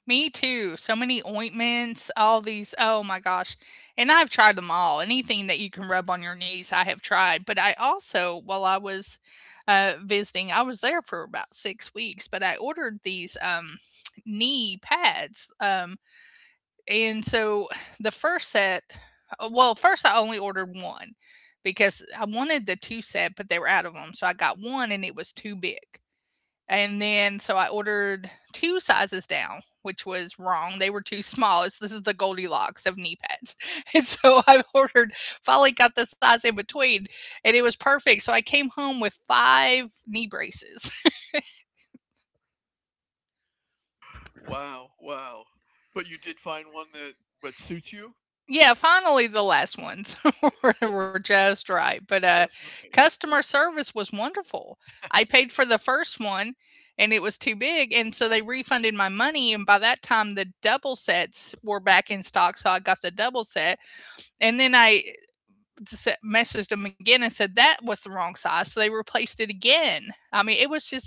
Speaker 1: Me too. So many ointments, all these. Oh my gosh. And I've tried them all. Anything that you can rub on your knees, I have tried. But I also, while I was uh, visiting, I was there for about six weeks, but I ordered these um, knee pads. Um, and so the first set, uh, well, first I only ordered one because I wanted the two set, but they were out of them. So I got one and it was too big. And then so I ordered two sizes down, which was wrong. They were too small. It's this is the Goldilocks of knee pads. *laughs* And so I *laughs* ordered finally got the size in between, and it was perfect. So I came home with five knee braces. *laughs*
Speaker 2: Wow, wow. But you did find one that that suits you?
Speaker 1: Yeah, finally the last ones
Speaker 2: Eh,
Speaker 1: *laughs* were were just right. But, uh,
Speaker 2: that's right.
Speaker 1: customer service was wonderful. I
Speaker 2: *laughs*
Speaker 1: paid for the first one, and it was too big, and so they refunded my money, and by that time, the double sets were back in stock, so I got the double set. And then I messaged them again and said that was the wrong size. So they replaced it again. I mean, it was just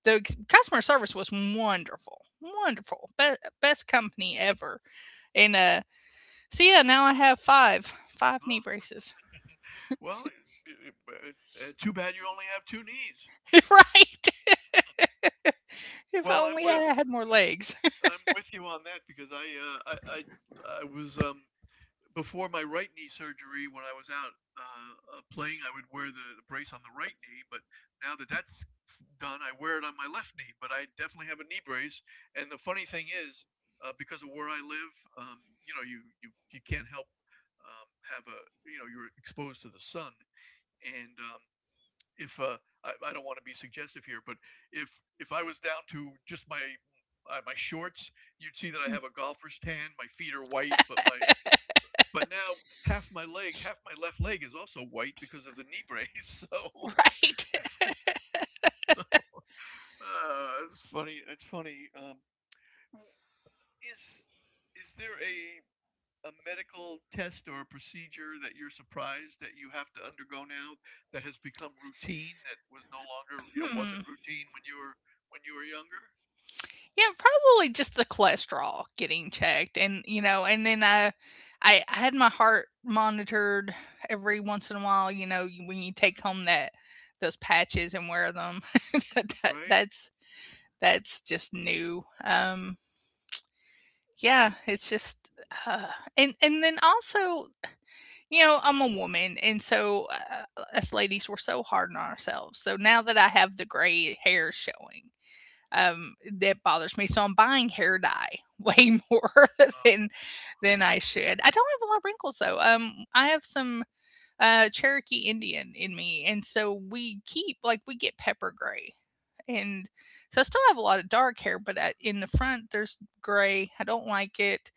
Speaker 1: the customer service was wonderful. Wonderful. Be- best company ever. And uh so yeah, now I have five five
Speaker 2: Well,
Speaker 1: knee braces.
Speaker 2: well, eh, eh, eh, eh, too bad you only have two knees.
Speaker 1: *laughs* Right. If
Speaker 2: Well, I'm
Speaker 1: only
Speaker 2: with
Speaker 1: I had more legs.
Speaker 2: I'm with you on that because I, uh, I I I was um before my right knee surgery, when I was out uh, uh, playing, I would wear the, the brace on the right knee. But now that that's done, I wear it on my left knee. But I definitely have a knee brace. And the funny thing is, uh, because of where I live, um, you know, you, you, you can't help um, have a, you know, you're exposed to the sun. And um, if uh, I, I don't want to be suggestive here, but if if I was down to just my uh, my shorts, you'd see that I have
Speaker 1: *laughs*
Speaker 2: a golfer's tan. My feet are white, but my but now half my leg, half my left leg is also white because of the knee brace. *laughs*
Speaker 1: Right.
Speaker 2: So, um, so, uh, it's funny. It's funny. Um, is is there a a medical test or a procedure that you're surprised that you have to undergo now that has become routine that was no longer you know
Speaker 1: Hmm.
Speaker 2: wasn't routine when you were when you were younger,
Speaker 1: Yeah, probably just the cholesterol getting checked, and you know, and then I, I, I had my heart monitored every once in a while. You know, you- when you take home that those patches and wear them, *laughs* that, that-
Speaker 2: right.
Speaker 1: that's that's just new. Um, yeah, it's just, uh, and and then also, you know, I'm a woman, and so uh, us ladies, we're so hard on ourselves. So now that I have the gray hair showing um, that bothers me. So I'm buying hair dye way more *laughs*
Speaker 2: uh,
Speaker 1: than than I should. I don't have a lot of wrinkles though. Um, I have some uh, Cherokee Indian in me, and so we keep like we get pepper gray, and so I still have a lot of dark hair, but uh in the front there's gray. I don't like it.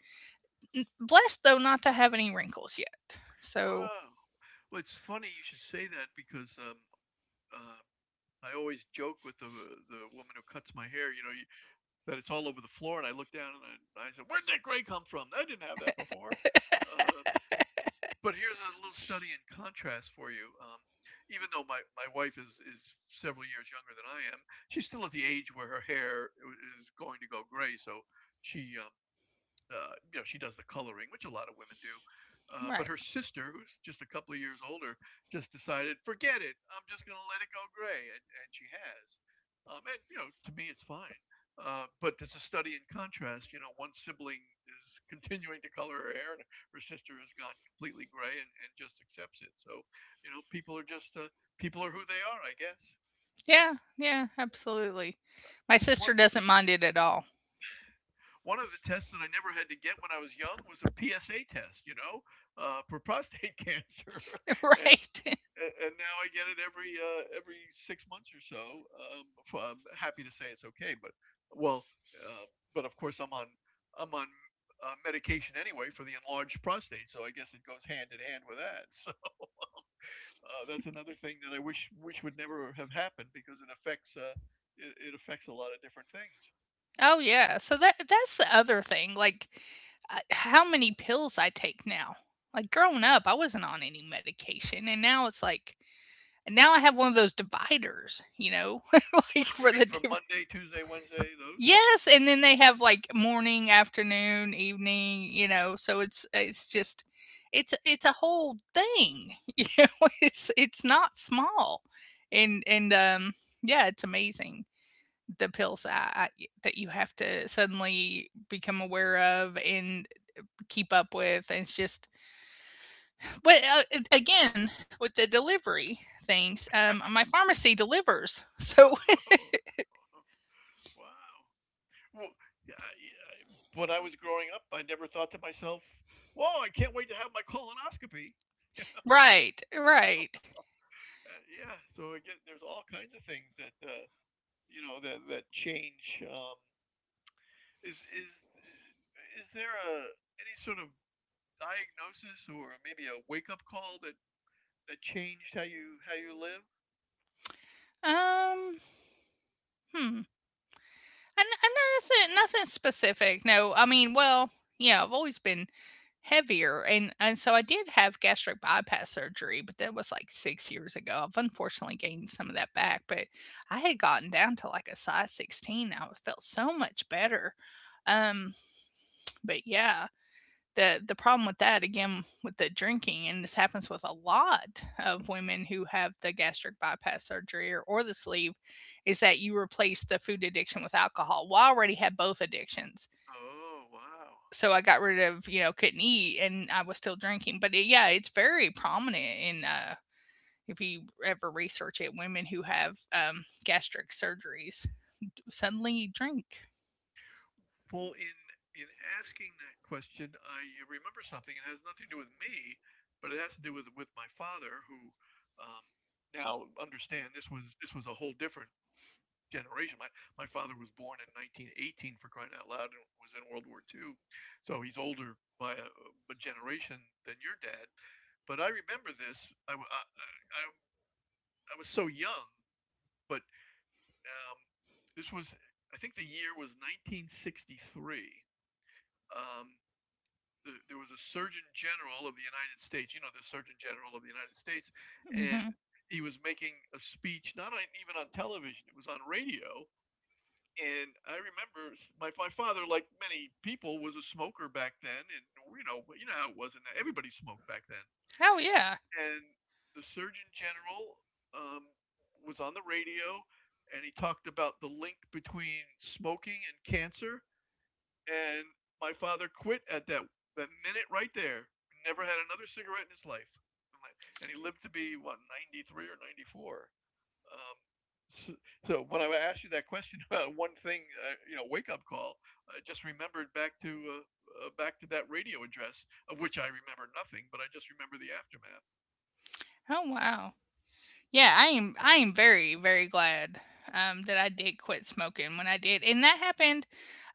Speaker 1: Blessed though not to have any wrinkles yet. So
Speaker 2: wow well it's funny you should say that because um, uh, I always joke with the the woman who cuts my hair. You know you, that it's all over the floor. And I looked down and I, I said, "Where'd that gray come from? I didn't have that before." Uh, but here's a little study in contrast for you. Um, even though my, my wife is, is several years younger than I am, she's still at the age where her hair is going to go gray. So she um, uh, you know, she does the coloring, which a lot of women do. Uh,
Speaker 1: right,
Speaker 2: but her sister, who's just a couple of years older, just decided, forget it. I'm just going to let it go gray. And, and she has. Um, and, you know, to me, it's fine. Uh, but there's a study in contrast. You know, one sibling is continuing to color her hair, and her sister has gone completely gray and, and just accepts it. So, you know, people are just uh, people are who they are, I guess.
Speaker 1: yeah, yeah, absolutely. My
Speaker 2: What,
Speaker 1: sister
Speaker 2: what
Speaker 1: doesn't mind it at all.
Speaker 2: One of the tests that I never had to get when I was young was a P S A test, you know, uh, for prostate cancer.
Speaker 1: *laughs*
Speaker 2: *laughs* and
Speaker 1: Right.
Speaker 2: and now I get it every uh, every six months or so. Um, i I'm happy to say it's okay, but well, uh, but of course I'm on I'm on uh, medication anyway for the enlarged prostate, so I guess it goes hand in hand with that. *laughs* So uh, that's another thing that I wish wish would never have happened because it affects uh, it, it affects a lot of different things.
Speaker 1: Oh yeah. So that that's the other thing. Like uh, how many pills I take now. Like growing up, I wasn't on any medication, and now it's like, and now I have one of those dividers, you know, *laughs* like
Speaker 2: *laughs* You
Speaker 1: for the
Speaker 2: mean from
Speaker 1: different.
Speaker 2: Monday, Tuesday, Wednesday, those?
Speaker 1: Yes, and then they have like morning, afternoon, evening, you know. So it's it's just it's it's a whole thing, *laughs* you know. It's it's not small, and and um yeah, it's amazing the pills that that you have to suddenly become aware of and keep up with, and it's just but uh, again with the delivery things, um, my pharmacy delivers, so
Speaker 2: Oh, *laughs* wow. Well, yeah, yeah, when I was growing up, I never thought to myself, "Whoa, I can't wait to have my colonoscopy."
Speaker 1: *laughs* right, right,
Speaker 2: Uh, yeah, so again, there's all kinds of things that uh, you know that that change. Um, is is is there a any sort of diagnosis or maybe a wake up call that that changed how you how you live?
Speaker 1: um, hmm. And, and nothing, Nothing specific. No, I mean, well, yeah, I've always been heavier, and and so I did have gastric bypass surgery, but that was like six years ago. I've unfortunately gained some of that back, but I had gotten down to like a size sixteen. Now it felt so much better. Um, but yeah, the the problem with that again with the drinking and this happens with a lot of women who have the gastric bypass surgery or, or the sleeve is that you replace the food addiction with alcohol. Well, I already had both addictions,
Speaker 2: Oh, wow.
Speaker 1: so I got rid of, you know, couldn't eat and I was still drinking, but it, yeah, it's very prominent in uh if you ever research it, women who have um, gastric surgeries suddenly drink.
Speaker 2: Well, in in asking that question, I remember something. It has nothing to do with me, but it has to do with with my father, who um, now understand this was this was a whole different generation. My my father was born in nineteen eighteen for crying out loud, and was in World War Two, so he's older by a, a generation than your dad. But I remember this. I w- I, I- I was so young, but um, this was I think the year was nineteen sixty-three. Um, the, there was a Surgeon General of the United States. You know, the Surgeon General of the United States,
Speaker 1: Hmm.
Speaker 2: and he was making a speech, not on, even on television. It was on radio. And I remember my, my father, like many people, was a smoker back then, and you know, you know how it was, and everybody smoked back then.
Speaker 1: Oh yeah.
Speaker 2: And the Surgeon General um, was on the radio, and he talked about the link between smoking and cancer, and my father quit at that that minute right there. Never had another cigarette in his life. And like- he lived to be what, ninety three or ninety four? Um, so, so when I asked you that question *laughs* about one thing, uh, you know, wake up call, I just remembered back to uh, uh, back to that radio address, of which I remember nothing, but I just remember the aftermath.
Speaker 1: Oh wow. Yeah, I am I am very, very glad um that I did quit smoking when I did. And that happened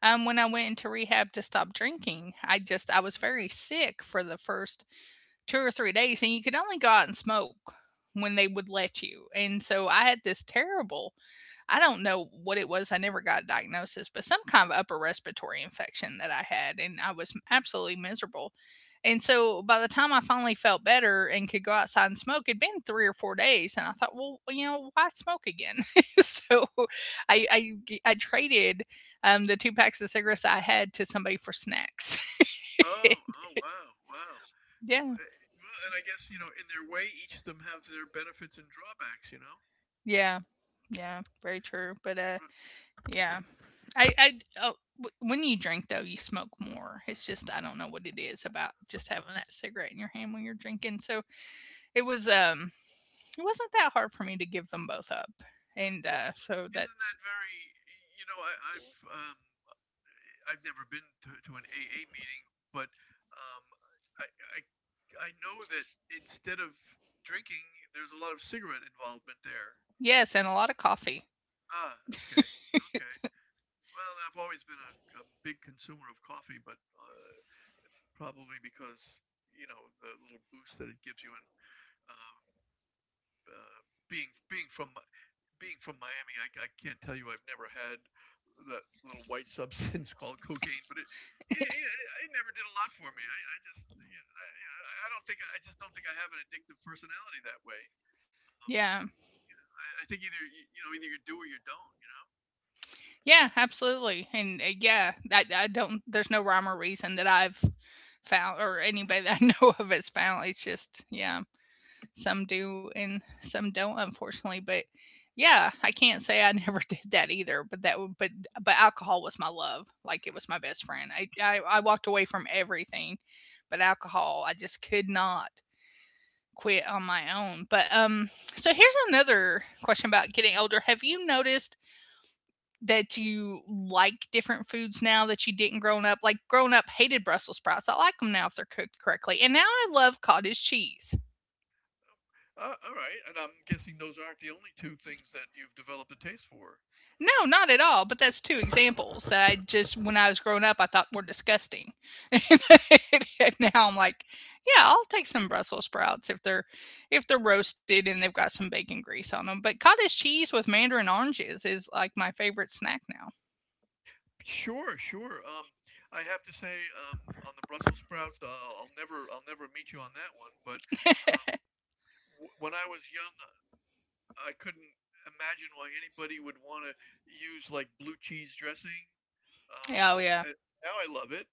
Speaker 1: um when I went into rehab to stop drinking. I just I was very sick for the first two or three days, and you could only go out and smoke when they would let you. And so I had this terrible, I don't know what it was, I never got a diagnosis, but some kind of upper respiratory infection that I had, and I was absolutely miserable. And so by the time I finally felt better and could go outside and smoke, it'd been three or four days. And I thought, well, you know, why smoke again? *laughs* So I I I traded um, the two packs of cigarettes I had to somebody for snacks.
Speaker 2: Oh, oh,
Speaker 1: *laughs*
Speaker 2: wow, wow. Well,
Speaker 1: Yeah.
Speaker 2: eh, well, and I guess you know, in their way, each of them have their benefits and drawbacks. You know.
Speaker 1: Yeah. Yeah, very true, but, uh, yeah. I I Oh, w when you drink, though, you smoke more. It's just I don't know what it is about just having that cigarette in your hand when you're drinking, so it was, um it wasn't that hard for me to give them both up, and,
Speaker 2: Well,
Speaker 1: uh, so
Speaker 2: isn't that
Speaker 1: that's
Speaker 2: very? You know, I, I've um, I've never been to, to an A A meeting, but um, I, I I know that instead of drinking, there's a lot of cigarette involvement there.
Speaker 1: Yes, and a lot of coffee.
Speaker 2: Ah, okay, okay. Well, I've always been a, a big consumer of coffee, but uh, probably because you know the little boost that it gives you, and um, uh, being being from being from Miami, I, I can't tell you I've never had that little white *laughs* substance called cocaine, but it it, it, it never did a lot for me. I, I just you know, I, I don't think I just don't think I have an addictive personality that way. Um,
Speaker 1: Yeah.
Speaker 2: I, I think either you know either you do or you don't. You know.
Speaker 1: Yeah, absolutely, and, uh, yeah, I I don't, there's no rhyme or reason that I've found or anybody *laughs* that I know of has found. It's just yeah. Some do and some don't, unfortunately, but yeah, I can't say I *laughs* never did that either, but that would but but alcohol was my love. Like it was my best friend. I, I I walked away from everything but alcohol. I just could not quit on my own, but um so here's another question about getting older. Have you noticed that you like different foods now that you didn't growing up? Like growing up, hated Brussels sprouts. I like them now if they're cooked correctly, and now I love cottage cheese.
Speaker 2: Uh, all right, and I'm guessing those aren't the only two things that you've developed a taste for.
Speaker 1: No, not at all. But that's two examples that I just, when I was growing up, I thought were disgusting. *laughs* And now I'm like, yeah, I'll take some Brussels sprouts if they're if they're roasted and they've got some bacon grease on them. But cottage cheese with mandarin oranges is like my favorite snack now.
Speaker 2: Sure, sure. Um, I have to say, um, on the Brussels sprouts, uh, I'll never, I'll never meet you on that one. But
Speaker 1: *laughs*
Speaker 2: um, when I was young, uh, I couldn't imagine why anybody would want to use like blue cheese dressing. Um,
Speaker 1: Oh yeah,
Speaker 2: I, Now I love it,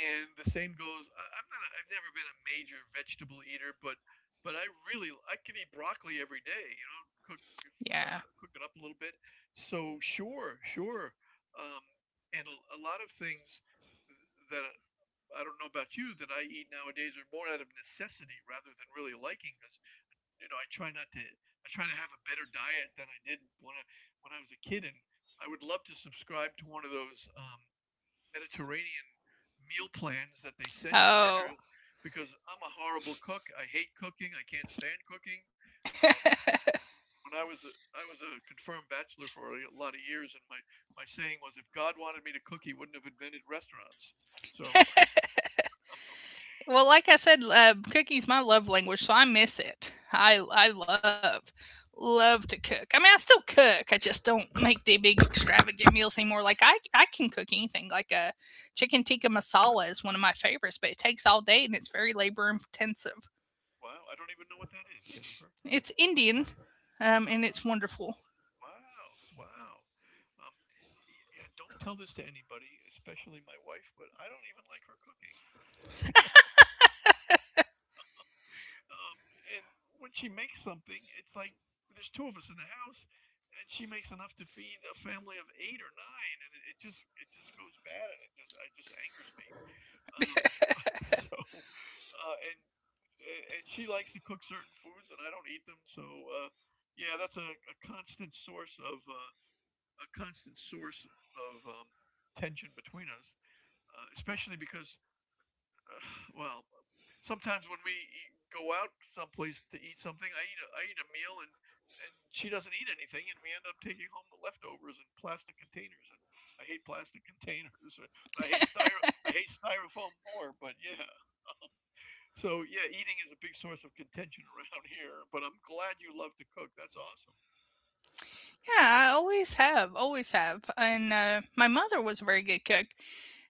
Speaker 2: and the same goes. I, I'm not. A, I've never been a major vegetable eater, but but I really, I can eat broccoli every day. You know, cook
Speaker 1: yeah.
Speaker 2: uh, cook it up a little bit. So sure, sure. Um, and a a lot of things that I don't know about you that I eat nowadays are more out of necessity rather than really liking because you know, I try not to. I try to have a better diet than I did when I when I was a kid, and I would love to subscribe to one of those um, Mediterranean meal plans that they send you
Speaker 1: Oh,
Speaker 2: dinners because I'm a horrible cook. I hate cooking. I can't stand cooking. Um, when I was a, I was a confirmed bachelor for a lot of years, and my my saying was, if God wanted me to cook, He wouldn't have invented restaurants. So,
Speaker 1: well, like I said, uh, cooking's my love language, so I miss it. I I love love to cook. I mean, I still cook. I just don't make the big extravagant meals anymore. Like I I can cook anything. Like a chicken tikka masala is one of my favorites, but it takes all day and it's very labor intensive.
Speaker 2: wow, I don't even know what that is, Jennifer.
Speaker 1: It's Indian, um, and it's
Speaker 2: Ah.
Speaker 1: wonderful.
Speaker 2: Wow, wow. Um, yeah, don't tell this to anybody, especially my wife, but I don't even like her cooking. *laughs* You know? um, and when she makes something, it's like there's two of us in the house, and she makes enough to feed a family of eight or nine, and it, it just it just goes bad, and it just it just angers me. Um, *laughs* so, uh, and and she likes to cook certain foods, and I don't eat them, so uh, yeah, that's a, a constant source of. Uh, a constant source of um, tension between us, uh, especially because, uh, well, sometimes when we eat, go out someplace to eat something, I eat a, I eat a meal and and she doesn't eat anything, and we end up taking home the leftovers in plastic containers. And I hate plastic *laughs* containers. I hate styro. I hate styrofoam more. But yeah, so yeah, eating is a big source of contention *laughs* around here. But I'm glad you love to cook. That's awesome.
Speaker 1: Yeah, I always have, always have. And uh, my mother was a very good cook.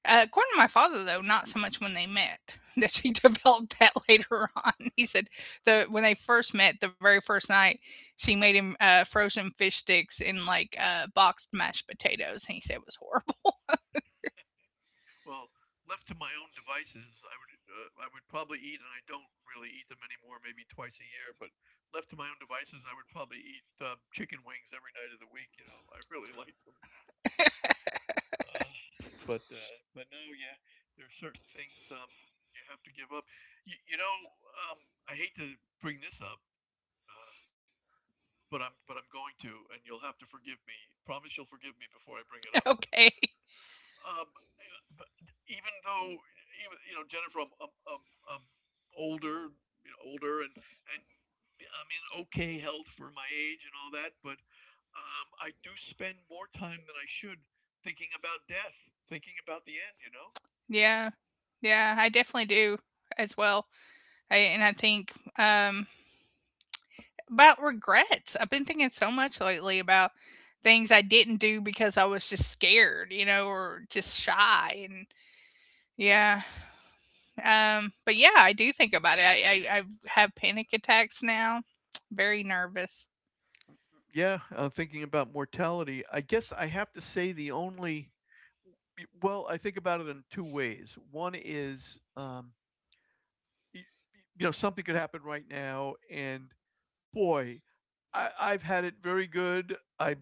Speaker 1: Uh, according to my father, though, not so much when they met *laughs* that she developed that later on. He said the when they first met, the very first night, she made him uh, frozen fish sticks and like uh, boxed mashed potatoes, and he said it was horrible.
Speaker 2: Well, left to my own devices, I would uh, I would probably eat, and I don't really eat them anymore. Maybe twice a year, but left to my own devices, I would probably eat uh, chicken wings every night of the week. You know, I really like them. *laughs* uh, but uh, but no, yeah, there are certain things um, you have to give up. You, you know, um, I hate to bring this up, uh, but I'm but I'm going to, and you'll have to forgive me. Promise you'll forgive me before I bring it up.
Speaker 1: *laughs* Okay,
Speaker 2: um, Even though even you know Jennifer, I'm, I'm, I'm, I'm older, you know, older, and and I'm in okay health for my age and all that, but um, I do spend more time than I should thinking about death, thinking about the end. You know.
Speaker 1: yeah, yeah, I definitely do as well. I, and I think um, about regrets. I've been thinking so much lately about things I didn't do because I was just scared, you know, or just shy, and yeah. Um, but yeah, I do think about it. I I I've panic attacks now. *tsk* Very nervous.
Speaker 2: Yeah, uh, thinking about mortality. I guess I have to say the only. Well, I think about it in two ways. One is, um, y- y- you know, something could happen right now, and boy, I, I've had it very good. I,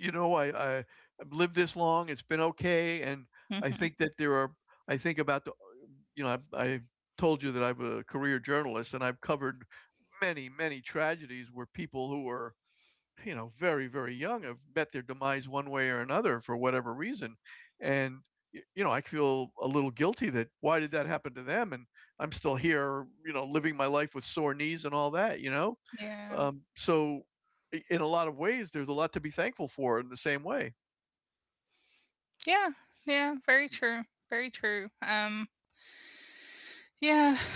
Speaker 2: You know, I, I I've lived this long. It's been okay, and I
Speaker 1: Mhm.
Speaker 2: think that there are. I think about the, you know, I, I told you that I'm a career journalist, and I've covered many, many tragedies where people who were, you know, very, very young have met their demise one way or another for whatever reason, and you know, I feel a little guilty that why did that happen to them, and I'm still here, you know, living my life with sore knees and all that, you know
Speaker 1: Yeah.
Speaker 2: um, so i- in a lot of ways, there's a lot to be thankful for in the same way.
Speaker 1: Yeah. Yeah, very true. Very true. Um, yeah. *sighs*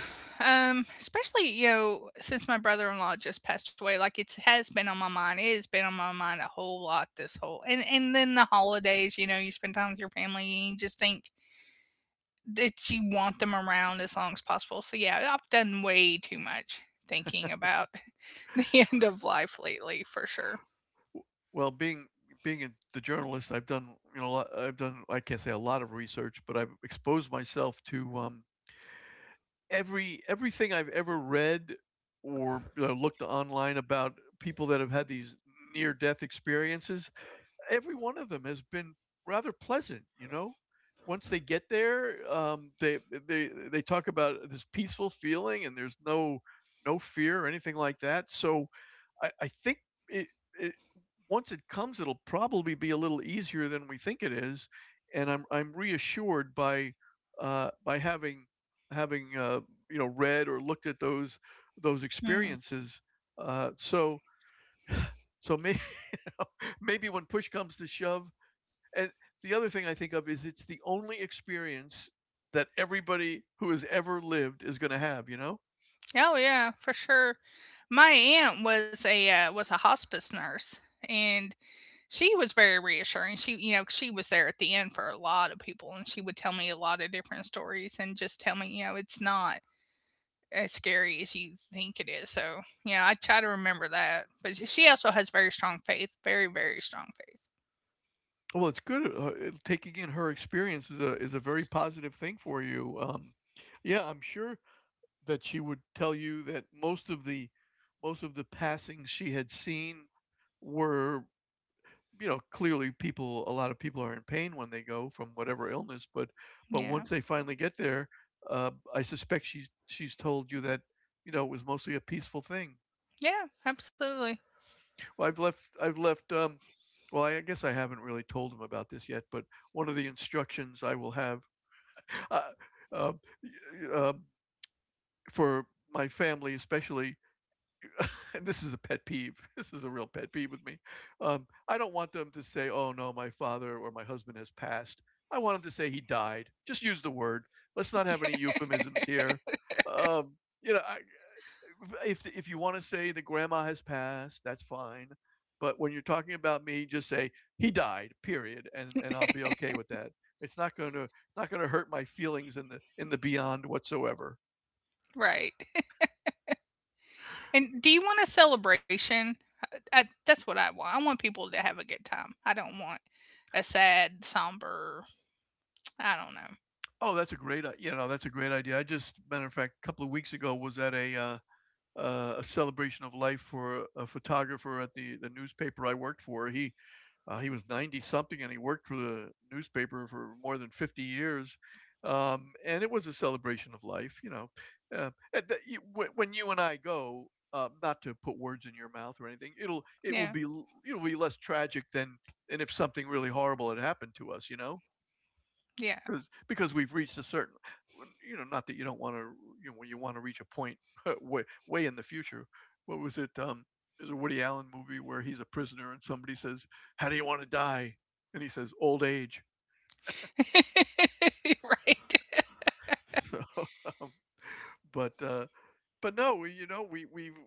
Speaker 1: Um, especially, you know, since my brother-in-law just passed away, like it has been on my mind. It has been on my mind a whole lot this whole and and then the holidays, you know, you spend time with your family and you just think that you want them around as long as possible. So yeah, I've done way too much thinking about *laughs* the end of life lately for sure.
Speaker 2: W- Well, being being a, the journalist, I've done you know a lot- I've done I can't say a lot of research, but I've exposed myself to um, every everything I've ever read or uh, looked online about people that have had these near death experiences, every one of them has been rather pleasant. You know, once they get there, um, they they they talk about this peaceful feeling, and there's no no fear or anything like that. So I, I think it, it once it comes, it'll probably be a little easier than we think it is, and I'm I'm reassured by uh, by having having uh, you know read or looked at those those
Speaker 1: Hmm.
Speaker 2: experiences. Uh, so so maybe *laughs* you know, maybe when push comes to shove, and the other thing I think of is it's the only experience that everybody who has ever lived is going to have. You know.
Speaker 1: Oh yeah, for sure. My aunt was a uh, was a hospice nurse and she was very reassuring. She, you know, she was there at the end for a lot of people and she would tell me a lot of different stories and just tell me, you know, it's not as scary as you think it is. So, yeah, I try to remember that. But sh- she also has very strong faith, very very strong faith.
Speaker 2: Well, it's good, uh, it taking in her experience is a is a very positive thing for you, um, yeah, I'm sure that she would tell you that most of the most of the passings she had seen were, you know, clearly people a lot of people are in pain when they go from whatever illness, but but
Speaker 1: Yeah.
Speaker 2: once they finally get there, uh, I suspect she's she's told you that, you know, it was mostly a peaceful thing.
Speaker 1: Yeah, absolutely.
Speaker 2: Well, I've left I've left, um well, I guess I haven't really told him about this yet, but one of the instructions I will have uh, uh, uh, for my family, especially, *laughs* and this is a pet peeve. *laughs* This is a real pet peeve with me. Um, I don't want them to say, "Oh no, my father or my husband has passed." I want them to say he died. Just use the word. Let's not have any euphemisms here. Um, you know, I, if if you want to say that grandma has passed, that's fine. But when you're talking about me, just say he died. Period, and and I'll be okay with that. It's not going to it's not going to hurt my feelings in the in the beyond whatsoever.
Speaker 1: Right. *laughs* And do you want a celebration? I, that's what I want. I want people to have a good time. I don't want a sad, somber. I don't know.
Speaker 2: Oh, that's a great you know that's a great idea. I just matter of fact, a couple of weeks ago was at a uh, uh, a celebration of life for a a photographer at the the newspaper I worked for. He Uh, he was ninety something and he worked for the newspaper for more than fifty years. Um, and it was a celebration of life, you know. Uh, and you- when you and I go, uh, not to put words in your mouth or anything, it'll it will
Speaker 1: Yeah,
Speaker 2: be it'll be less tragic than and if something really horrible had happened to us, you know
Speaker 1: yeah,
Speaker 2: because because we've reached a certain you know not that you don't want to you know when you want to reach a point *laughs* way way in the future what was it um there's a Woody Allen movie where he's a prisoner and somebody says how do you want to die and he says old age
Speaker 1: *laughs* right.
Speaker 2: so *laughs* um, but uh But no, you know, we we've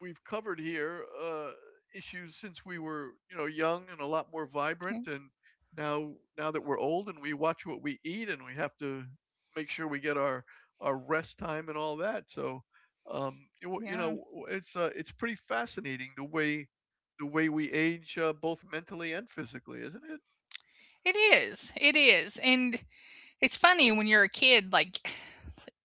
Speaker 2: we've covered here uh, issues since we were you know young and a lot more
Speaker 1: Yeah,
Speaker 2: vibrant, and now now that we're old and we watch what we eat and we have to make sure we get our our rest time and all that. So um, it wa- you
Speaker 1: yeah,
Speaker 2: know, it's uh, it's pretty fascinating the way the way we age, uh, both mentally and physically, isn't it?
Speaker 1: it is. It is, and it's funny when you're a kid. Like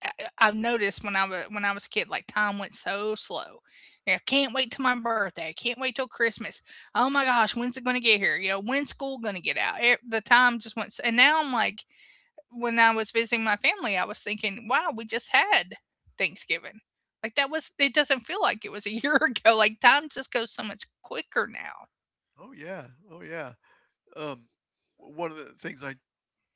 Speaker 1: I- I've noticed when I was when I was a kid, like time went so slow. Yeah, can't wait till my birthday. I can't wait till Christmas. Oh my gosh, when's it gonna get here? You know, when's school gonna get out? E- the time just went. s- And now I'm like, when I was visiting my family, I was thinking, wow, we just had Thanksgiving. Like that was, it doesn't feel like it was a year *laughs* ago. Like time just goes so much quicker now.
Speaker 2: Oh yeah, oh yeah. Um, One of the things I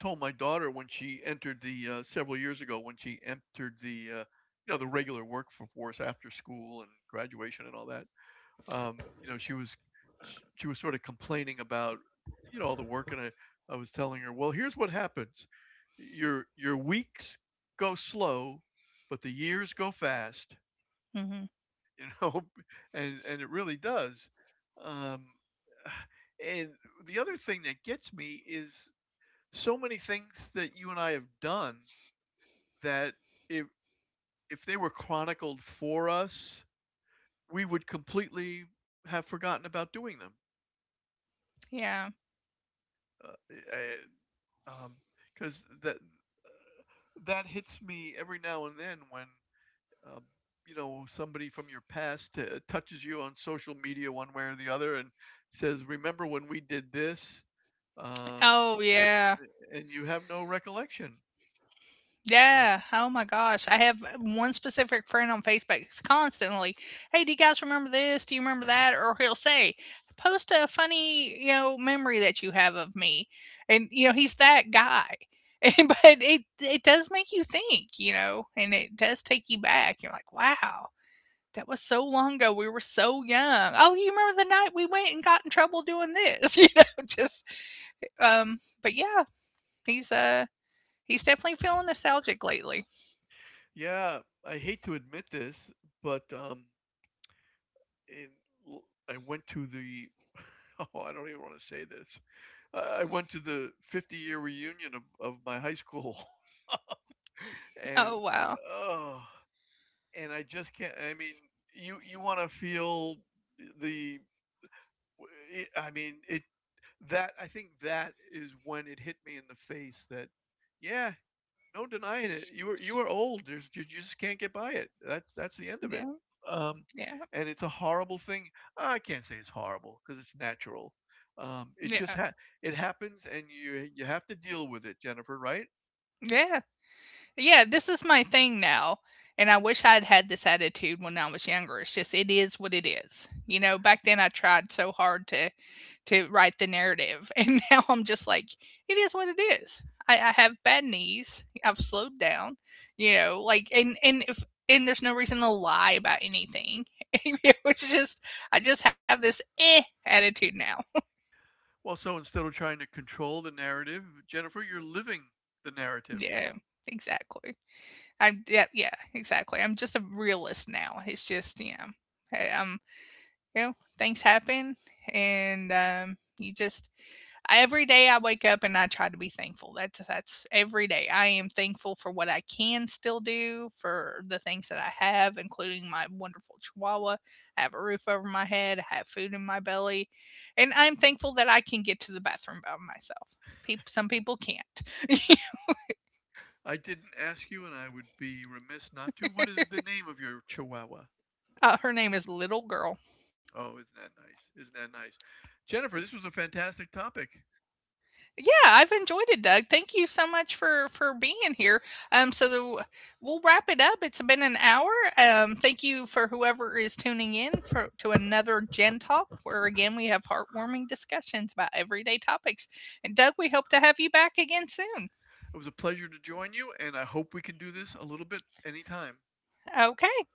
Speaker 2: told my daughter when she entered the uh, several years ago when she entered the uh, you know the regular workforce after school and graduation and all that. Um, you know, she was sh- she was sort of complaining about you know all the work, and I I was telling her, well, here's what happens: your your weeks go slow, but the years go fast. *laughs*
Speaker 1: Hmm.
Speaker 2: You know, *laughs* and and it really does. Um, *sighs* and the other thing that gets me is so many things that you and I have done that if if they were chronicled for us, we would completely have forgotten about doing them.
Speaker 1: Yeah.
Speaker 2: Because that uh, that hits me every now and then when uh, you know somebody from your past uh, touches you on social media one way or the other and says, "Remember when we did this?" Um,
Speaker 1: Oh, yeah.
Speaker 2: and you have no recollection. Um,
Speaker 1: Yeah. Oh my gosh. I have one specific friend on Facebook. It's constantly, "Hey, do you guys remember this? Do you remember that?" Or he'll say, "Post a funny, you know, memory that you have of me," and you know he's that guy. *laughs* And, but it it does make you think, you know, and it does take you back. You're like, "Wow, that was so long ago. We were so young." Oh, you remember the night we went and got in trouble doing this? *laughs* You know, just um. But yeah, he's uh he's definitely feeling nostalgic lately.
Speaker 2: yeah, I hate to admit this, but um, in, l- I went to the. *laughs* Oh, I don't even want to say this. I I went to the fifty-year reunion of of my high school, *laughs* and
Speaker 1: Oh, wow.
Speaker 2: oh, and I just can't. I mean, you you want to feel the I mean, it that I think that is when it hit me in the face that yeah, no denying it. You were you are old. There's you You just can't get by it. That's that's the end of it.
Speaker 1: Yeah,
Speaker 2: Um,
Speaker 1: yeah,
Speaker 2: and it's a horrible thing. I can't say it's horrible because it's natural. Um, it
Speaker 1: yeah,
Speaker 2: just ha- it happens, and you you have to deal with it, Jennifer. Right?
Speaker 1: yeah, yeah. This is my thing now, and I wish I had had this attitude when I was younger. It's just it is what it is, you know. Back then, I tried so hard to to write the narrative, *laughs* and now I'm just like, it is what it is. I, I have bad knees. I've slowed down, you know. Like, and and if and there's no reason to lie about anything. *laughs* It's just I just have this eh attitude now. *laughs*
Speaker 2: Well, so instead of trying to control the narrative, Jennifer, you're living the narrative.
Speaker 1: Yeah, exactly. I'm yeah, yeah, exactly. I'm just a realist now. It's just you know, hey, um, you know, things happen, and um, you just every day I wake up and I try to be thankful. That's that's every day. I am thankful for what I can still do, for the things that I have, including my wonderful Chihuahua. I have a roof over my head. I have food in my belly, and I'm thankful that I can get to the bathroom by myself. Peop Some people can't. *laughs*
Speaker 2: I didn't ask you, and I would be remiss not to. What is the name of your chihuahua?
Speaker 1: Uh, her name is Little Girl.
Speaker 2: Oh, isn't that nice? Isn't that nice? Jennifer, this was a fantastic topic.
Speaker 1: Yeah, I've enjoyed it, Doug. Thank you so much for for being here. Um, so the, we'll wrap it up. It's been an hour. Um, thank you for whoever is tuning in for to another Gen Talk, where again we have heartwarming discussions about everyday topics. And Doug, we hope to have you back again soon.
Speaker 2: It was a pleasure to join you, and I hope we can do this a little bit anytime.
Speaker 1: Okay.